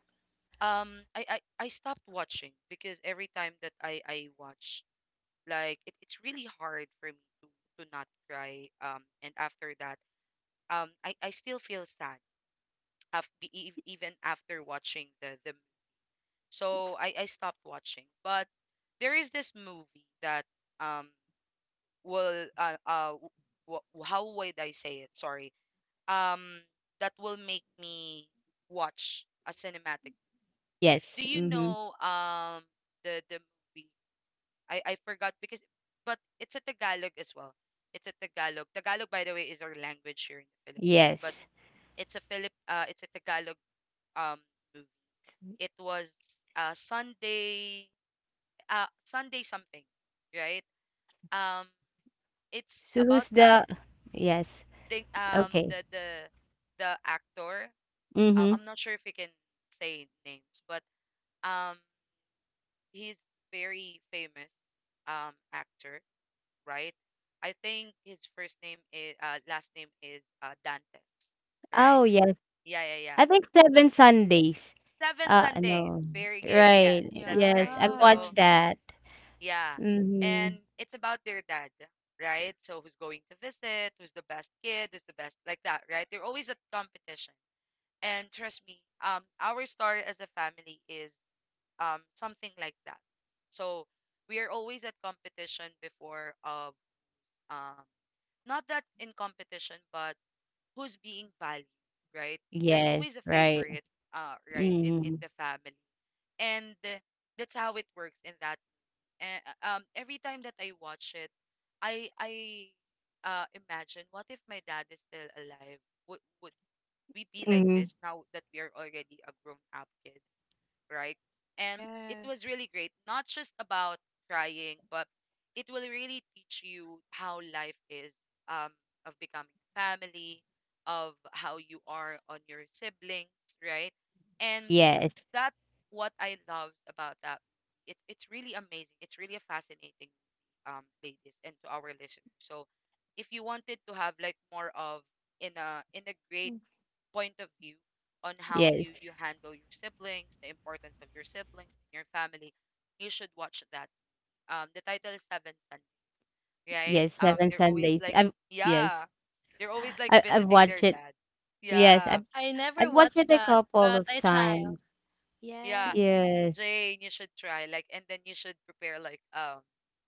[SPEAKER 1] I stopped watching because every time that I watch, like it's really hard for me to not cry, and after that I still feel sad even after watching the So I stopped watching. But there is this movie that um will how would I say it? Sorry. Um that will make me watch a cinematic. Do
[SPEAKER 3] Yes.
[SPEAKER 1] you
[SPEAKER 3] Mm-hmm.
[SPEAKER 1] know the movie? I forgot, because but it's a Tagalog as well. It's a Tagalog. Tagalog, by the way, is our language here in the Philippines. But
[SPEAKER 3] Yes.
[SPEAKER 1] it's a Philip it's a Tagalog um movie. It was Sunday Sunday something, right? Um it's
[SPEAKER 3] So who's
[SPEAKER 1] about
[SPEAKER 3] the
[SPEAKER 1] family.
[SPEAKER 3] yes.
[SPEAKER 1] Think
[SPEAKER 3] Okay.
[SPEAKER 1] the actor,
[SPEAKER 3] Mm-hmm.
[SPEAKER 1] I'm not sure if we can say names, but um he's very famous actor, right? I think his first name is last name is Dantes. Right.
[SPEAKER 3] Oh yes.
[SPEAKER 1] Yeah, yeah, yeah.
[SPEAKER 3] I think
[SPEAKER 1] So
[SPEAKER 3] Seven Sundays.
[SPEAKER 1] seven Sundays.
[SPEAKER 3] No.
[SPEAKER 1] Very good. Yes,
[SPEAKER 3] Right.
[SPEAKER 1] that's
[SPEAKER 3] Yes.
[SPEAKER 1] right.
[SPEAKER 3] I've
[SPEAKER 2] Yeah,
[SPEAKER 1] So
[SPEAKER 3] watched that.
[SPEAKER 1] yeah.
[SPEAKER 3] Mm-hmm.
[SPEAKER 1] And it's about their dad, right? So who's going to visit, who's the best kid, who's the best, like that, right? They're always at competition. And trust me, our story as a family is something like that. So we are always at competition before of um not that in competition, but who's being valued, right? There's
[SPEAKER 3] Yes,
[SPEAKER 1] always a
[SPEAKER 3] right.
[SPEAKER 1] favorite, right, in
[SPEAKER 3] Mm-hmm.
[SPEAKER 1] the family. And that's how it works in that. And every time that I watch it, I imagine, what if my dad is still alive? Would we be like
[SPEAKER 3] Mm-hmm.
[SPEAKER 1] this now that we are already a grown up kids, right? And it was
[SPEAKER 2] yes,
[SPEAKER 1] really great, not just about crying, but it will really teach you how life is, um, of becoming a family, of how you are on your siblings, right? And
[SPEAKER 3] Yes.
[SPEAKER 1] that's what I loved about that movie. It's really amazing. It's really a fascinating movie, ladies, and to our listeners. So if you wanted to have like more of in a great
[SPEAKER 3] Mm.
[SPEAKER 1] point of view on how
[SPEAKER 3] Yes.
[SPEAKER 1] you handle your siblings, the importance of your siblings and your family, you should watch that. The title is Seven Sons, right?
[SPEAKER 3] Yes. Seven
[SPEAKER 1] They're always
[SPEAKER 3] Sundays.
[SPEAKER 1] like,
[SPEAKER 3] I've
[SPEAKER 1] yeah,
[SPEAKER 3] yes.
[SPEAKER 1] they're always like
[SPEAKER 3] I've
[SPEAKER 1] visiting their
[SPEAKER 3] watched it.
[SPEAKER 1] dad.
[SPEAKER 3] Yes.
[SPEAKER 1] Yeah,
[SPEAKER 2] I
[SPEAKER 3] I've
[SPEAKER 2] never
[SPEAKER 3] watched
[SPEAKER 2] watched
[SPEAKER 3] it a
[SPEAKER 2] that
[SPEAKER 3] couple
[SPEAKER 2] but
[SPEAKER 3] of
[SPEAKER 2] I try.
[SPEAKER 3] times.
[SPEAKER 1] yeah.
[SPEAKER 2] Yes.
[SPEAKER 3] Yes.
[SPEAKER 1] Jane, you should try, like, and then you should prepare like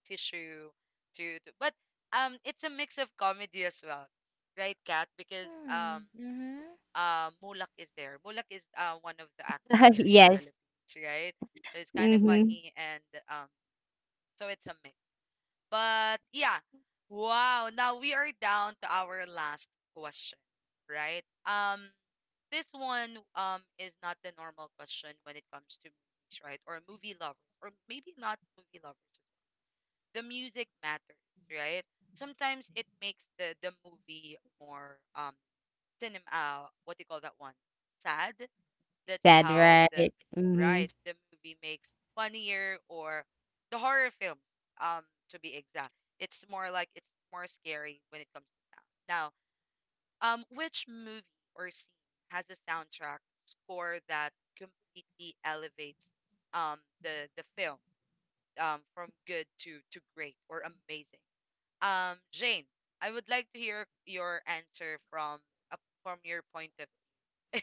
[SPEAKER 1] tissue to but it's a mix of comedy as well, right, Kat? Because
[SPEAKER 2] Hmm, mm-hmm.
[SPEAKER 1] Mulak is there. Mulak is one of the actor here in the
[SPEAKER 3] yes.
[SPEAKER 1] Philippines, right? So it's kind of
[SPEAKER 3] Mm-hmm.
[SPEAKER 1] funny, and um so it's a mix. But yeah, wow. Now we are down to our last question, right? This one is not the normal question when it comes to movies, right? Or movie lovers, or maybe not movie lovers. The music matters, right? Sometimes it makes the movie more cinema. What do you call that one? Sad, that's
[SPEAKER 3] Sad,
[SPEAKER 1] how the
[SPEAKER 3] right? Mhm.
[SPEAKER 1] right the movie makes funnier or the horror films, um, to be exact. It's more like it's more scary when it comes to sound. Now, which movie or scene has a soundtrack score that completely elevates the film from good to great or amazing? Jane, I would like to hear your answer from a from your point of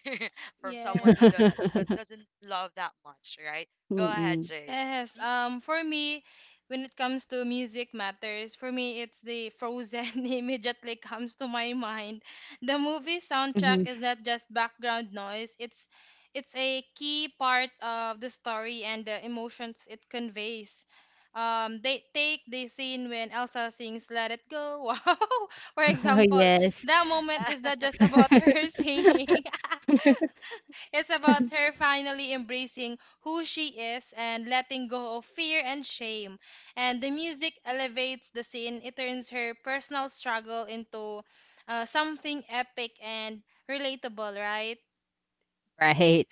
[SPEAKER 1] from someone who do,
[SPEAKER 2] Yes.
[SPEAKER 1] that doesn't love that much, right? Go ahead,
[SPEAKER 3] Mm,
[SPEAKER 1] Jane.
[SPEAKER 2] Yes,
[SPEAKER 1] Mhm.
[SPEAKER 2] for me, when it comes to music matters, for me it's the Frozen immediately comes to my mind. The movie
[SPEAKER 3] mhm.
[SPEAKER 2] soundtrack is not just background noise, it's a key part of the story and the emotions it conveys. They take the scene when Elsa sings "Let It Go." Wow, for
[SPEAKER 3] Oh,
[SPEAKER 2] example,
[SPEAKER 3] yes.
[SPEAKER 2] that moment is
[SPEAKER 1] Ah,
[SPEAKER 2] not just about her singing. It's about her finally embracing who she is and letting go of fear and shame. And the music elevates the scene, it turns her personal struggle into something epic and relatable, right?
[SPEAKER 1] Mm,
[SPEAKER 3] Right,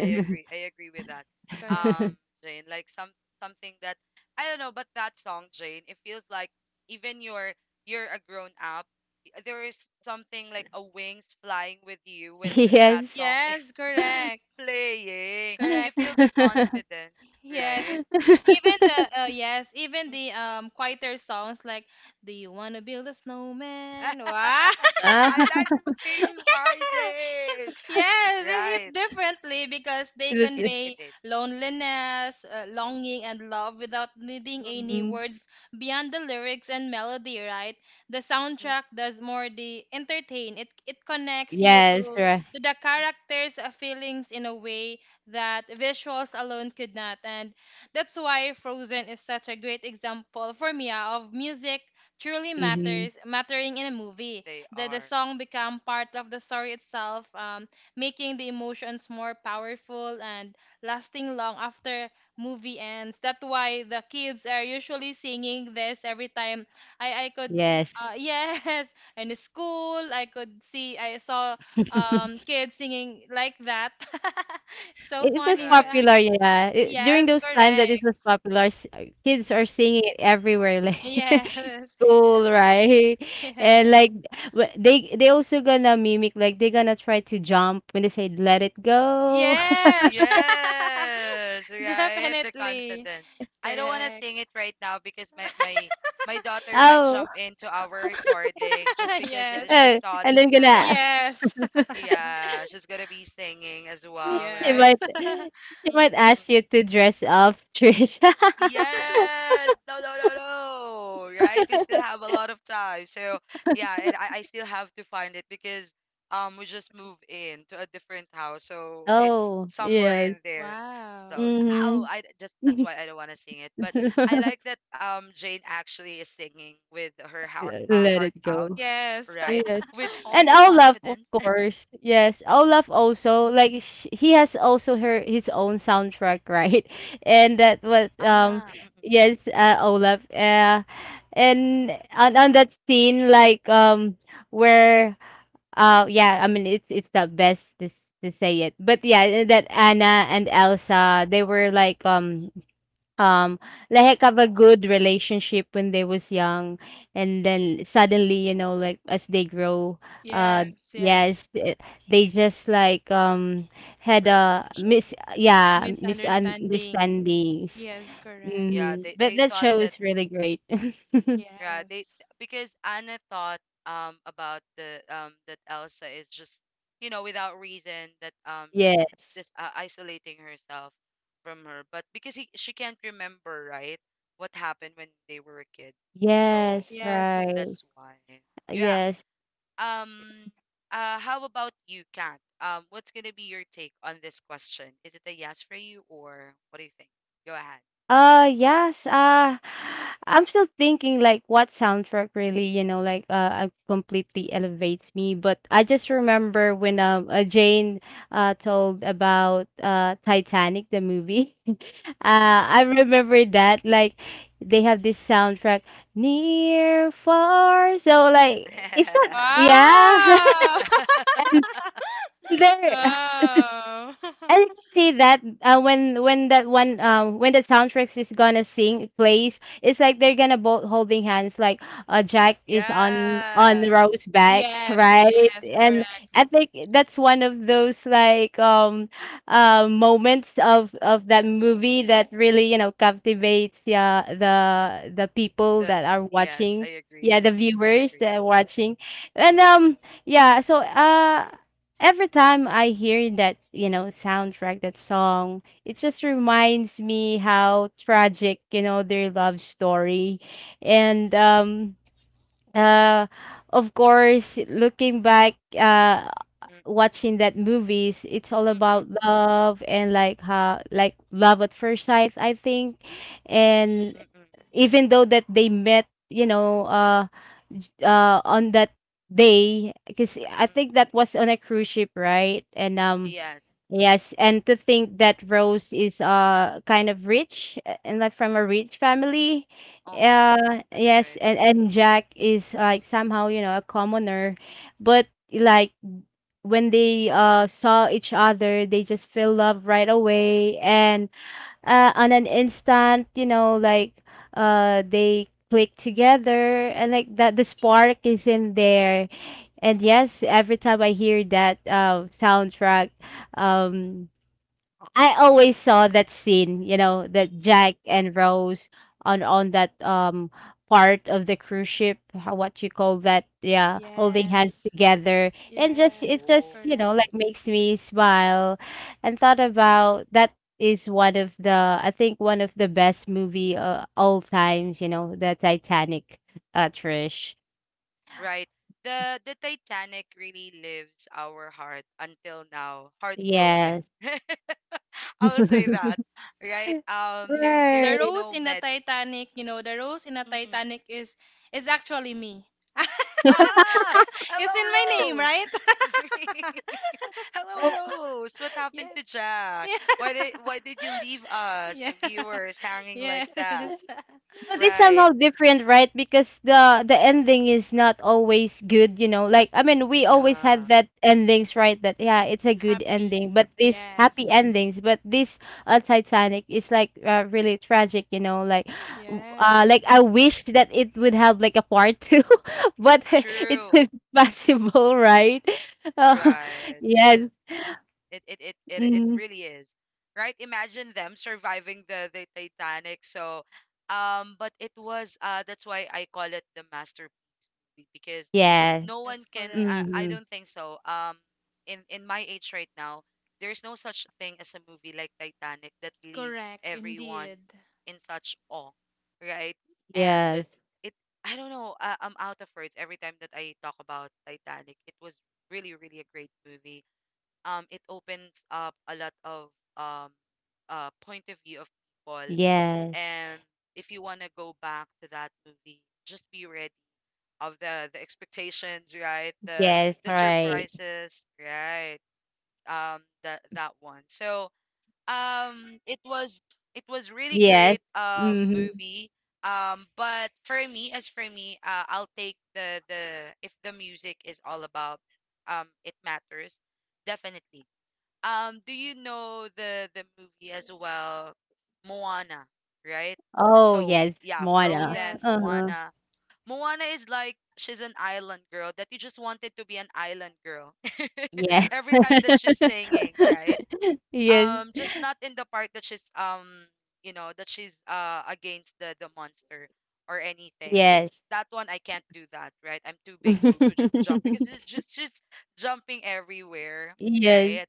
[SPEAKER 1] I agree. I agree with that.
[SPEAKER 2] correct.
[SPEAKER 1] Um, Jane, like some something that I don't know, but that song, Jane, it feels like even you're a grown up. There is something like a wings flying with you when th that
[SPEAKER 3] Yes.
[SPEAKER 1] song is
[SPEAKER 2] Yes, correct.
[SPEAKER 1] playing. You
[SPEAKER 2] Correct.
[SPEAKER 1] feel the confidence,
[SPEAKER 2] Yes.
[SPEAKER 1] right?
[SPEAKER 2] Even the yes, even
[SPEAKER 1] Mm,
[SPEAKER 2] the quieter songs like "Do you wanna build a
[SPEAKER 1] mm.
[SPEAKER 2] snowman?" Wow.
[SPEAKER 3] Ah,
[SPEAKER 1] I like the singing part, Jane.
[SPEAKER 2] Yes, it
[SPEAKER 1] Right.
[SPEAKER 2] hit differently because they
[SPEAKER 1] It
[SPEAKER 3] that-
[SPEAKER 1] it
[SPEAKER 2] convey
[SPEAKER 1] is.
[SPEAKER 2] loneliness, longing, and love without needing any
[SPEAKER 3] mhm.
[SPEAKER 2] words beyond the lyrics and melody, right? The soundtrack does more the entertain. It connects you
[SPEAKER 3] Yes, right.
[SPEAKER 2] to the
[SPEAKER 1] Mm.
[SPEAKER 2] characters' feelings in a way that visuals alone could not, and that's why Frozen is such a great example for me of music truly
[SPEAKER 3] Mhm.
[SPEAKER 2] matters mattering in a movie,
[SPEAKER 1] They
[SPEAKER 2] that the
[SPEAKER 1] are.
[SPEAKER 2] song become part of the story itself, making the emotions more powerful and lasting long after movie ends. That's why the kids are usually singing this every time. I could
[SPEAKER 3] Yes.
[SPEAKER 2] Yes, in school I could see I saw kids singing like that. So
[SPEAKER 3] It was
[SPEAKER 2] funny,
[SPEAKER 1] Right.
[SPEAKER 2] right?
[SPEAKER 3] popular, yeah. It, during
[SPEAKER 2] Yes,
[SPEAKER 3] those times that it
[SPEAKER 2] correct.
[SPEAKER 3] was popular, kids
[SPEAKER 1] Mm.
[SPEAKER 3] are singing it everywhere, like
[SPEAKER 2] Yes,
[SPEAKER 3] school, right? And like,
[SPEAKER 2] yes,
[SPEAKER 3] they also gonna mimic, like they gonna try to jump when they say "Let it go."
[SPEAKER 2] yes.
[SPEAKER 1] Yes, right. The
[SPEAKER 2] Definitely
[SPEAKER 1] confidence. I don't want to
[SPEAKER 2] correct.
[SPEAKER 1] sing it right now because my daughter might
[SPEAKER 3] Oh,
[SPEAKER 1] jump into our recording just because
[SPEAKER 2] Yes,
[SPEAKER 1] she thought
[SPEAKER 3] and
[SPEAKER 1] that
[SPEAKER 3] then
[SPEAKER 1] we're
[SPEAKER 3] gonna
[SPEAKER 1] watching.
[SPEAKER 2] yes.
[SPEAKER 1] Yeah, she's gonna be singing as well, right?
[SPEAKER 2] Yes.
[SPEAKER 3] she might
[SPEAKER 1] Mm-mm.
[SPEAKER 3] ask you to dress up, Trisha.
[SPEAKER 1] Yes. No, no, no, no. Right? We still have a lot of time. So yeah, and I still have to find it because we just moved in to a different house. So it's
[SPEAKER 3] Oh,
[SPEAKER 1] somewhere
[SPEAKER 3] yes.
[SPEAKER 1] in there.
[SPEAKER 2] Wow.
[SPEAKER 1] So ow,
[SPEAKER 3] Mm-hmm.
[SPEAKER 1] I just that's why I don't want to sing it. But I like that Jane actually is singing with her heart
[SPEAKER 3] Let
[SPEAKER 1] heart
[SPEAKER 3] it
[SPEAKER 1] out,
[SPEAKER 3] go.
[SPEAKER 2] Yes.
[SPEAKER 1] right?
[SPEAKER 3] Yes.
[SPEAKER 1] With all the
[SPEAKER 3] And Olaf,
[SPEAKER 1] confidence.
[SPEAKER 3] of course. Yes, Olaf
[SPEAKER 1] Mm-mm.
[SPEAKER 3] also like sh he has also her his own soundtrack, right? And that was
[SPEAKER 1] Ah, mm-mm.
[SPEAKER 3] yes, Olaf. And on that scene, like where yeah, I mean it's the best to to say it. But yeah, that Anna and Elsa, they were um, like have a good relationship when they was young. And then suddenly, you know, like as they grow, uh,
[SPEAKER 2] Yes, yes.
[SPEAKER 3] yes, they just like had
[SPEAKER 1] Separate from
[SPEAKER 3] a
[SPEAKER 1] each other.
[SPEAKER 3] mis yeah,
[SPEAKER 2] Misunderstanding.
[SPEAKER 3] misunderstandings.
[SPEAKER 2] Yes, correct.
[SPEAKER 1] Yeah,
[SPEAKER 3] But
[SPEAKER 1] they
[SPEAKER 3] that
[SPEAKER 1] thought
[SPEAKER 3] show
[SPEAKER 1] that.
[SPEAKER 3] is really great.
[SPEAKER 1] Yeah, they
[SPEAKER 2] Yes.
[SPEAKER 1] because Anna thought about the that Elsa is just you know without reason that
[SPEAKER 3] Yes.
[SPEAKER 1] just isolating herself from her, but because he, she can't remember right what happened when they were a kid, so
[SPEAKER 3] Yes,
[SPEAKER 2] Yes,
[SPEAKER 3] right.
[SPEAKER 2] yes.
[SPEAKER 1] that's why. Yeah.
[SPEAKER 3] Yes.
[SPEAKER 1] Um. How about you, Kat? What's gonna be your take on this question? Is it a yes for you or what do you think? Go ahead.
[SPEAKER 3] Yes. I'm still thinking like what soundtrack really, you know, like completely elevates me. But I just remember when Jane told about Titanic the movie.
[SPEAKER 1] Mm-mm.
[SPEAKER 3] I remember that like they have this soundtrack near far so like it's not yeah
[SPEAKER 2] Wow.
[SPEAKER 3] and there
[SPEAKER 2] Wow.
[SPEAKER 3] I can see that when that one when the soundtracks is gonna sing plays, it's like they're gonna both holding hands. Like Jack is on
[SPEAKER 1] yeah.
[SPEAKER 3] Rose's back,
[SPEAKER 2] Yes,
[SPEAKER 3] right?
[SPEAKER 2] yes,
[SPEAKER 3] And
[SPEAKER 2] correct.
[SPEAKER 3] I think that's one of those like moments of that movie that really, you know, captivates, yeah, the people
[SPEAKER 1] The
[SPEAKER 3] that are
[SPEAKER 1] yes, I
[SPEAKER 3] watching.
[SPEAKER 1] agree.
[SPEAKER 3] Yeah, the
[SPEAKER 1] I
[SPEAKER 3] viewers
[SPEAKER 1] agree.
[SPEAKER 3] that are watching, and yeah. So every time I hear that, you know, soundtrack, that song, it just reminds me how tragic, you know, their love story.
[SPEAKER 1] Mm,
[SPEAKER 3] And uh, of course, looking back,
[SPEAKER 1] mm,
[SPEAKER 3] watching that movies, it's all
[SPEAKER 1] Mm-mm, mm-mm,
[SPEAKER 3] about love and like how like love at first sight, I think. And
[SPEAKER 1] mm mm.
[SPEAKER 3] even though that they met, you know, on that day, because I
[SPEAKER 1] Mm.
[SPEAKER 3] think that was on a cruise ship, right? And
[SPEAKER 1] Yes.
[SPEAKER 3] Yes, and to think that Rose is kind of rich and like from a rich family.
[SPEAKER 1] Uh-uh, uh-uh. That's right.
[SPEAKER 3] Yes, and Jack is like somehow, you know, a commoner, but like when they saw each other, they just fell love right away and on an instant, you know, like they click together and like that the spark is in there.
[SPEAKER 1] Mm,
[SPEAKER 3] And yes, every time I hear that soundtrack, um I always
[SPEAKER 1] mm-mm.
[SPEAKER 3] saw that scene, you know, that Jack and Rose on that part of the cruise ship, how, what you call that, yeah, holding hands
[SPEAKER 2] Yes.
[SPEAKER 3] together, and just it
[SPEAKER 2] Yes,
[SPEAKER 1] Oh,
[SPEAKER 3] just, you know, like
[SPEAKER 2] correct.
[SPEAKER 3] makes me smile, and thought about that is one of the, I think, one of the best movie all times, you know, the Titanic, Trish.
[SPEAKER 1] right. The Titanic really lives our heart until now, heartbroken.
[SPEAKER 3] Yes.
[SPEAKER 1] I will say that, right? There
[SPEAKER 2] Yes, the
[SPEAKER 1] there's
[SPEAKER 3] Right.
[SPEAKER 2] rose
[SPEAKER 1] no
[SPEAKER 2] in the
[SPEAKER 1] med.
[SPEAKER 2] Titanic, you know, the rose in the
[SPEAKER 1] Mm-mm.
[SPEAKER 2] Titanic is actually me.
[SPEAKER 1] Ah,
[SPEAKER 2] It's in my name,
[SPEAKER 1] hello, Rose.
[SPEAKER 2] right?
[SPEAKER 1] Hello,
[SPEAKER 3] Oh,
[SPEAKER 1] Rose. What happened
[SPEAKER 2] Yes.
[SPEAKER 1] to Jack? Why
[SPEAKER 2] Yeah.
[SPEAKER 1] did you leave us viewers hanging
[SPEAKER 2] Yeah.
[SPEAKER 1] like that?
[SPEAKER 2] Yes.
[SPEAKER 3] but it's
[SPEAKER 1] Right.
[SPEAKER 3] somehow different, right? Because the ending is not always good, you know. Like, I mean, we always had
[SPEAKER 1] Yeah.
[SPEAKER 3] that endings, right? That yeah, it's a good ending,
[SPEAKER 2] Happy.
[SPEAKER 3] but this happy
[SPEAKER 2] Yes.
[SPEAKER 3] endings, but this Titanic is like really tragic, you know. Like,
[SPEAKER 2] Yes.
[SPEAKER 3] like I
[SPEAKER 1] Mm-mm.
[SPEAKER 3] wish that it would have like a part two, but it's
[SPEAKER 1] True.
[SPEAKER 3] impossible, right? Uh,
[SPEAKER 1] Right.
[SPEAKER 3] yes,
[SPEAKER 1] Because it
[SPEAKER 3] mm,
[SPEAKER 1] really is. Right? Imagine them surviving the Titanic. So but it was that's why I call it the masterpiece movie because
[SPEAKER 3] yes.
[SPEAKER 1] no one
[SPEAKER 2] Yes,
[SPEAKER 1] can
[SPEAKER 2] correct.
[SPEAKER 1] I
[SPEAKER 3] Mm,
[SPEAKER 1] don't think so. Um, in my age right now, there's no such thing as a movie like Titanic that leaves
[SPEAKER 2] Correct
[SPEAKER 1] everyone
[SPEAKER 2] indeed.
[SPEAKER 1] in such awe, right? And
[SPEAKER 3] yes.
[SPEAKER 1] it I don't know, I'm out of words every time that I talk about Titanic. It was really really a great movie. It opens up a lot of um point of view of people.
[SPEAKER 3] Yes.
[SPEAKER 1] And if you want to go back to that movie, just be ready of the expectations, right,
[SPEAKER 3] Yes.
[SPEAKER 1] the
[SPEAKER 3] Right.
[SPEAKER 1] surprises, right, that that one. So um it was it was really
[SPEAKER 3] Yes.
[SPEAKER 1] great
[SPEAKER 3] Mhm.
[SPEAKER 1] movie. But for me, as for me, I'll take the if the music is all about, it matters, definitely. Do you know the movie as well, Moana, right?
[SPEAKER 3] Oh,
[SPEAKER 1] So
[SPEAKER 3] yes,
[SPEAKER 1] yeah,
[SPEAKER 2] Yes.
[SPEAKER 3] Moana.
[SPEAKER 1] Frozen,
[SPEAKER 2] Yes.
[SPEAKER 3] Uh-huh.
[SPEAKER 1] Moana. Moana is like she's an island girl that you just wanted to be an island girl
[SPEAKER 3] Yeah.
[SPEAKER 1] every time that she's singing, right?
[SPEAKER 3] Yes.
[SPEAKER 1] Just not in the part that she's you know, that she's against the monster or anything.
[SPEAKER 3] Yes.
[SPEAKER 1] That one I can't do that, right? I'm too big to just jump because it's just she's jumping everywhere,
[SPEAKER 3] Yes.
[SPEAKER 1] right?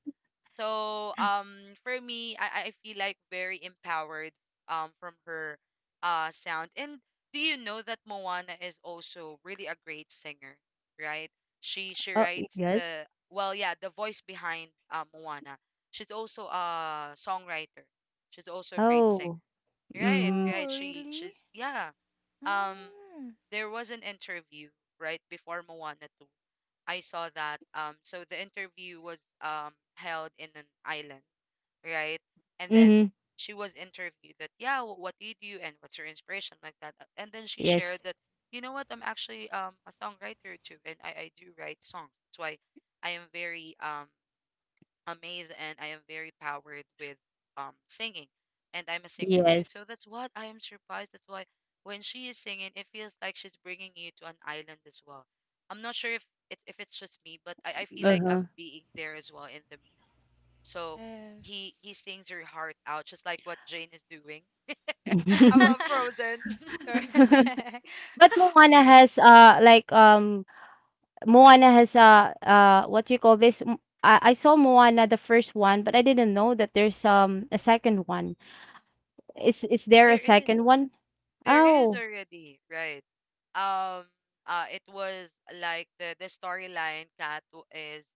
[SPEAKER 1] So for me, I feel like very empowered from her sound. And do you know that Moana is also really a great singer, right? She
[SPEAKER 3] Oh,
[SPEAKER 1] writes
[SPEAKER 3] yes.
[SPEAKER 1] the, well, yeah, the voice behind Moana. She's also a songwriter. She's also a great singer.
[SPEAKER 3] Oh.
[SPEAKER 1] Right,
[SPEAKER 3] Mhm.
[SPEAKER 1] right.
[SPEAKER 2] Oh,
[SPEAKER 1] She's
[SPEAKER 2] really?
[SPEAKER 1] yeah. Um
[SPEAKER 2] Mm.
[SPEAKER 1] there was an interview right before Moana 2 I saw that. So the interview was held in an island, right? And then
[SPEAKER 3] Mhm.
[SPEAKER 1] she was interviewed that, yeah, what do you do and what's your inspiration, like that. And then she shared
[SPEAKER 3] Yes.
[SPEAKER 1] that, you know what, I'm actually a songwriter too, and I do write songs. That's why I am very amazed and I am very powered with singing. And I'm a singer too.
[SPEAKER 3] Yes.
[SPEAKER 1] So that's what I am surprised. That's why when she is singing, it feels like she's bringing you to an island as well. I'm not sure if if it's just me, but I feel like
[SPEAKER 3] Uh-huh.
[SPEAKER 1] I'm being there as well in the movie. So
[SPEAKER 2] Yes.
[SPEAKER 1] he sings your heart out, just like what Jane is doing about Frozen.
[SPEAKER 2] Correct.
[SPEAKER 3] But Moana
[SPEAKER 1] Right.
[SPEAKER 3] has, like,
[SPEAKER 1] Mm, mm.
[SPEAKER 3] Moana has, what you call this? I saw Moana, the first one, but I didn't know that there's, a
[SPEAKER 1] Mm.
[SPEAKER 3] second one. Is there a
[SPEAKER 1] There is.
[SPEAKER 3] second one?
[SPEAKER 1] There is
[SPEAKER 3] Oh,
[SPEAKER 1] already. Right. Um, it was like the storyline, Cat, is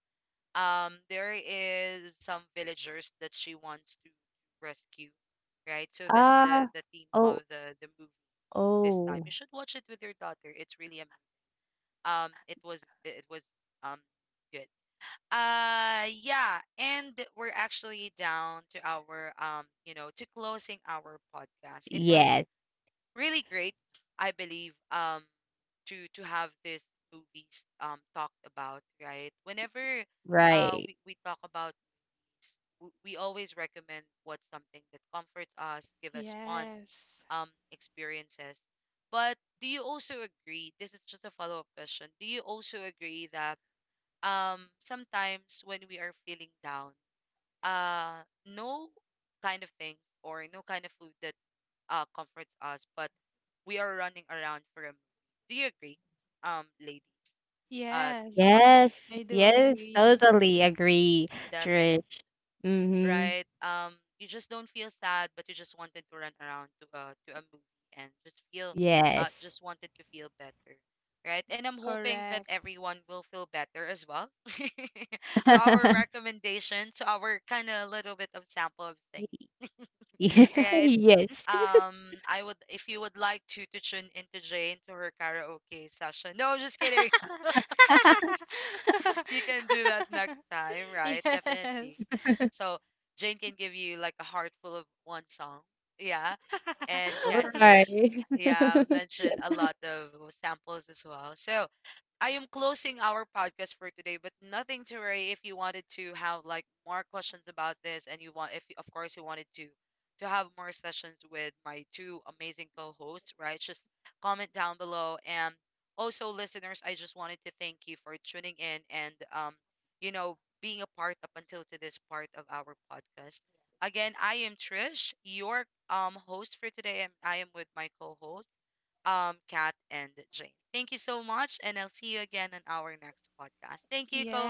[SPEAKER 1] there is some villagers that she wants to rescue, right? So that's
[SPEAKER 3] uh,
[SPEAKER 1] the theme
[SPEAKER 3] oh,
[SPEAKER 1] of the movie. This time you
[SPEAKER 3] oh.
[SPEAKER 1] should watch it with your daughter. It's really amazing. It was it was um good. Yeah, and we're actually down to our you know, to closing our podcast. It was
[SPEAKER 3] Yes,
[SPEAKER 1] really great. I believe to have this movies talked about, right? Whenever
[SPEAKER 3] right.
[SPEAKER 1] we talk about, we always recommend what's something that comforts us, give us fun
[SPEAKER 2] Yes.
[SPEAKER 1] experiences. But do you also agree? This is just a follow-up question. Do you also agree that sometimes when we are feeling down, no kind of things or no kind of food that comforts us, but we are running around for a movie. Do you agree, ladies, uh
[SPEAKER 2] Yes.
[SPEAKER 1] about this?
[SPEAKER 3] Yes,
[SPEAKER 2] I do
[SPEAKER 3] yes,
[SPEAKER 2] agree.
[SPEAKER 3] totally agree,
[SPEAKER 1] Definitely.
[SPEAKER 3] Trish. Mm-hmm.
[SPEAKER 1] Right? You just don't feel sad, but you just wanted to run around to a movie and just feel,
[SPEAKER 3] Yes.
[SPEAKER 1] just wanted to feel better, right? And I'm hoping that
[SPEAKER 2] Correct.
[SPEAKER 1] everyone will feel better as well. to our recommendation, to our kind of little bit of sample of singing, right?
[SPEAKER 3] Yes.
[SPEAKER 1] I would if you would like to tune into Jane to her karaoke session. No, I'm just kidding. You can do that next time, right? Definitely.
[SPEAKER 2] Yes.
[SPEAKER 1] So Jane can give you like a heart full of one song. Yeah. And Kat
[SPEAKER 3] All
[SPEAKER 1] here,
[SPEAKER 3] right.
[SPEAKER 1] yeah, mentioned a lot of samples as well. So I am closing our podcast for today, but nothing to worry if you wanted to have like more questions about this and you want if you- of course you wanted to have more sessions with my two amazing co-hosts, right? Just comment down below. And also listeners, I just wanted to thank you for tuning in and you know, being a part up until to this part of our podcast. Again, I am Trish, your host for today, and I am with my co-host, Kat and Jane. Thank you so much, and I'll see you again on our next podcast. Thank you, co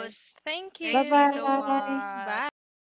[SPEAKER 1] host.
[SPEAKER 2] Thank
[SPEAKER 1] Thank you so
[SPEAKER 3] Bye-bye.
[SPEAKER 2] you.
[SPEAKER 1] much.
[SPEAKER 2] Bye.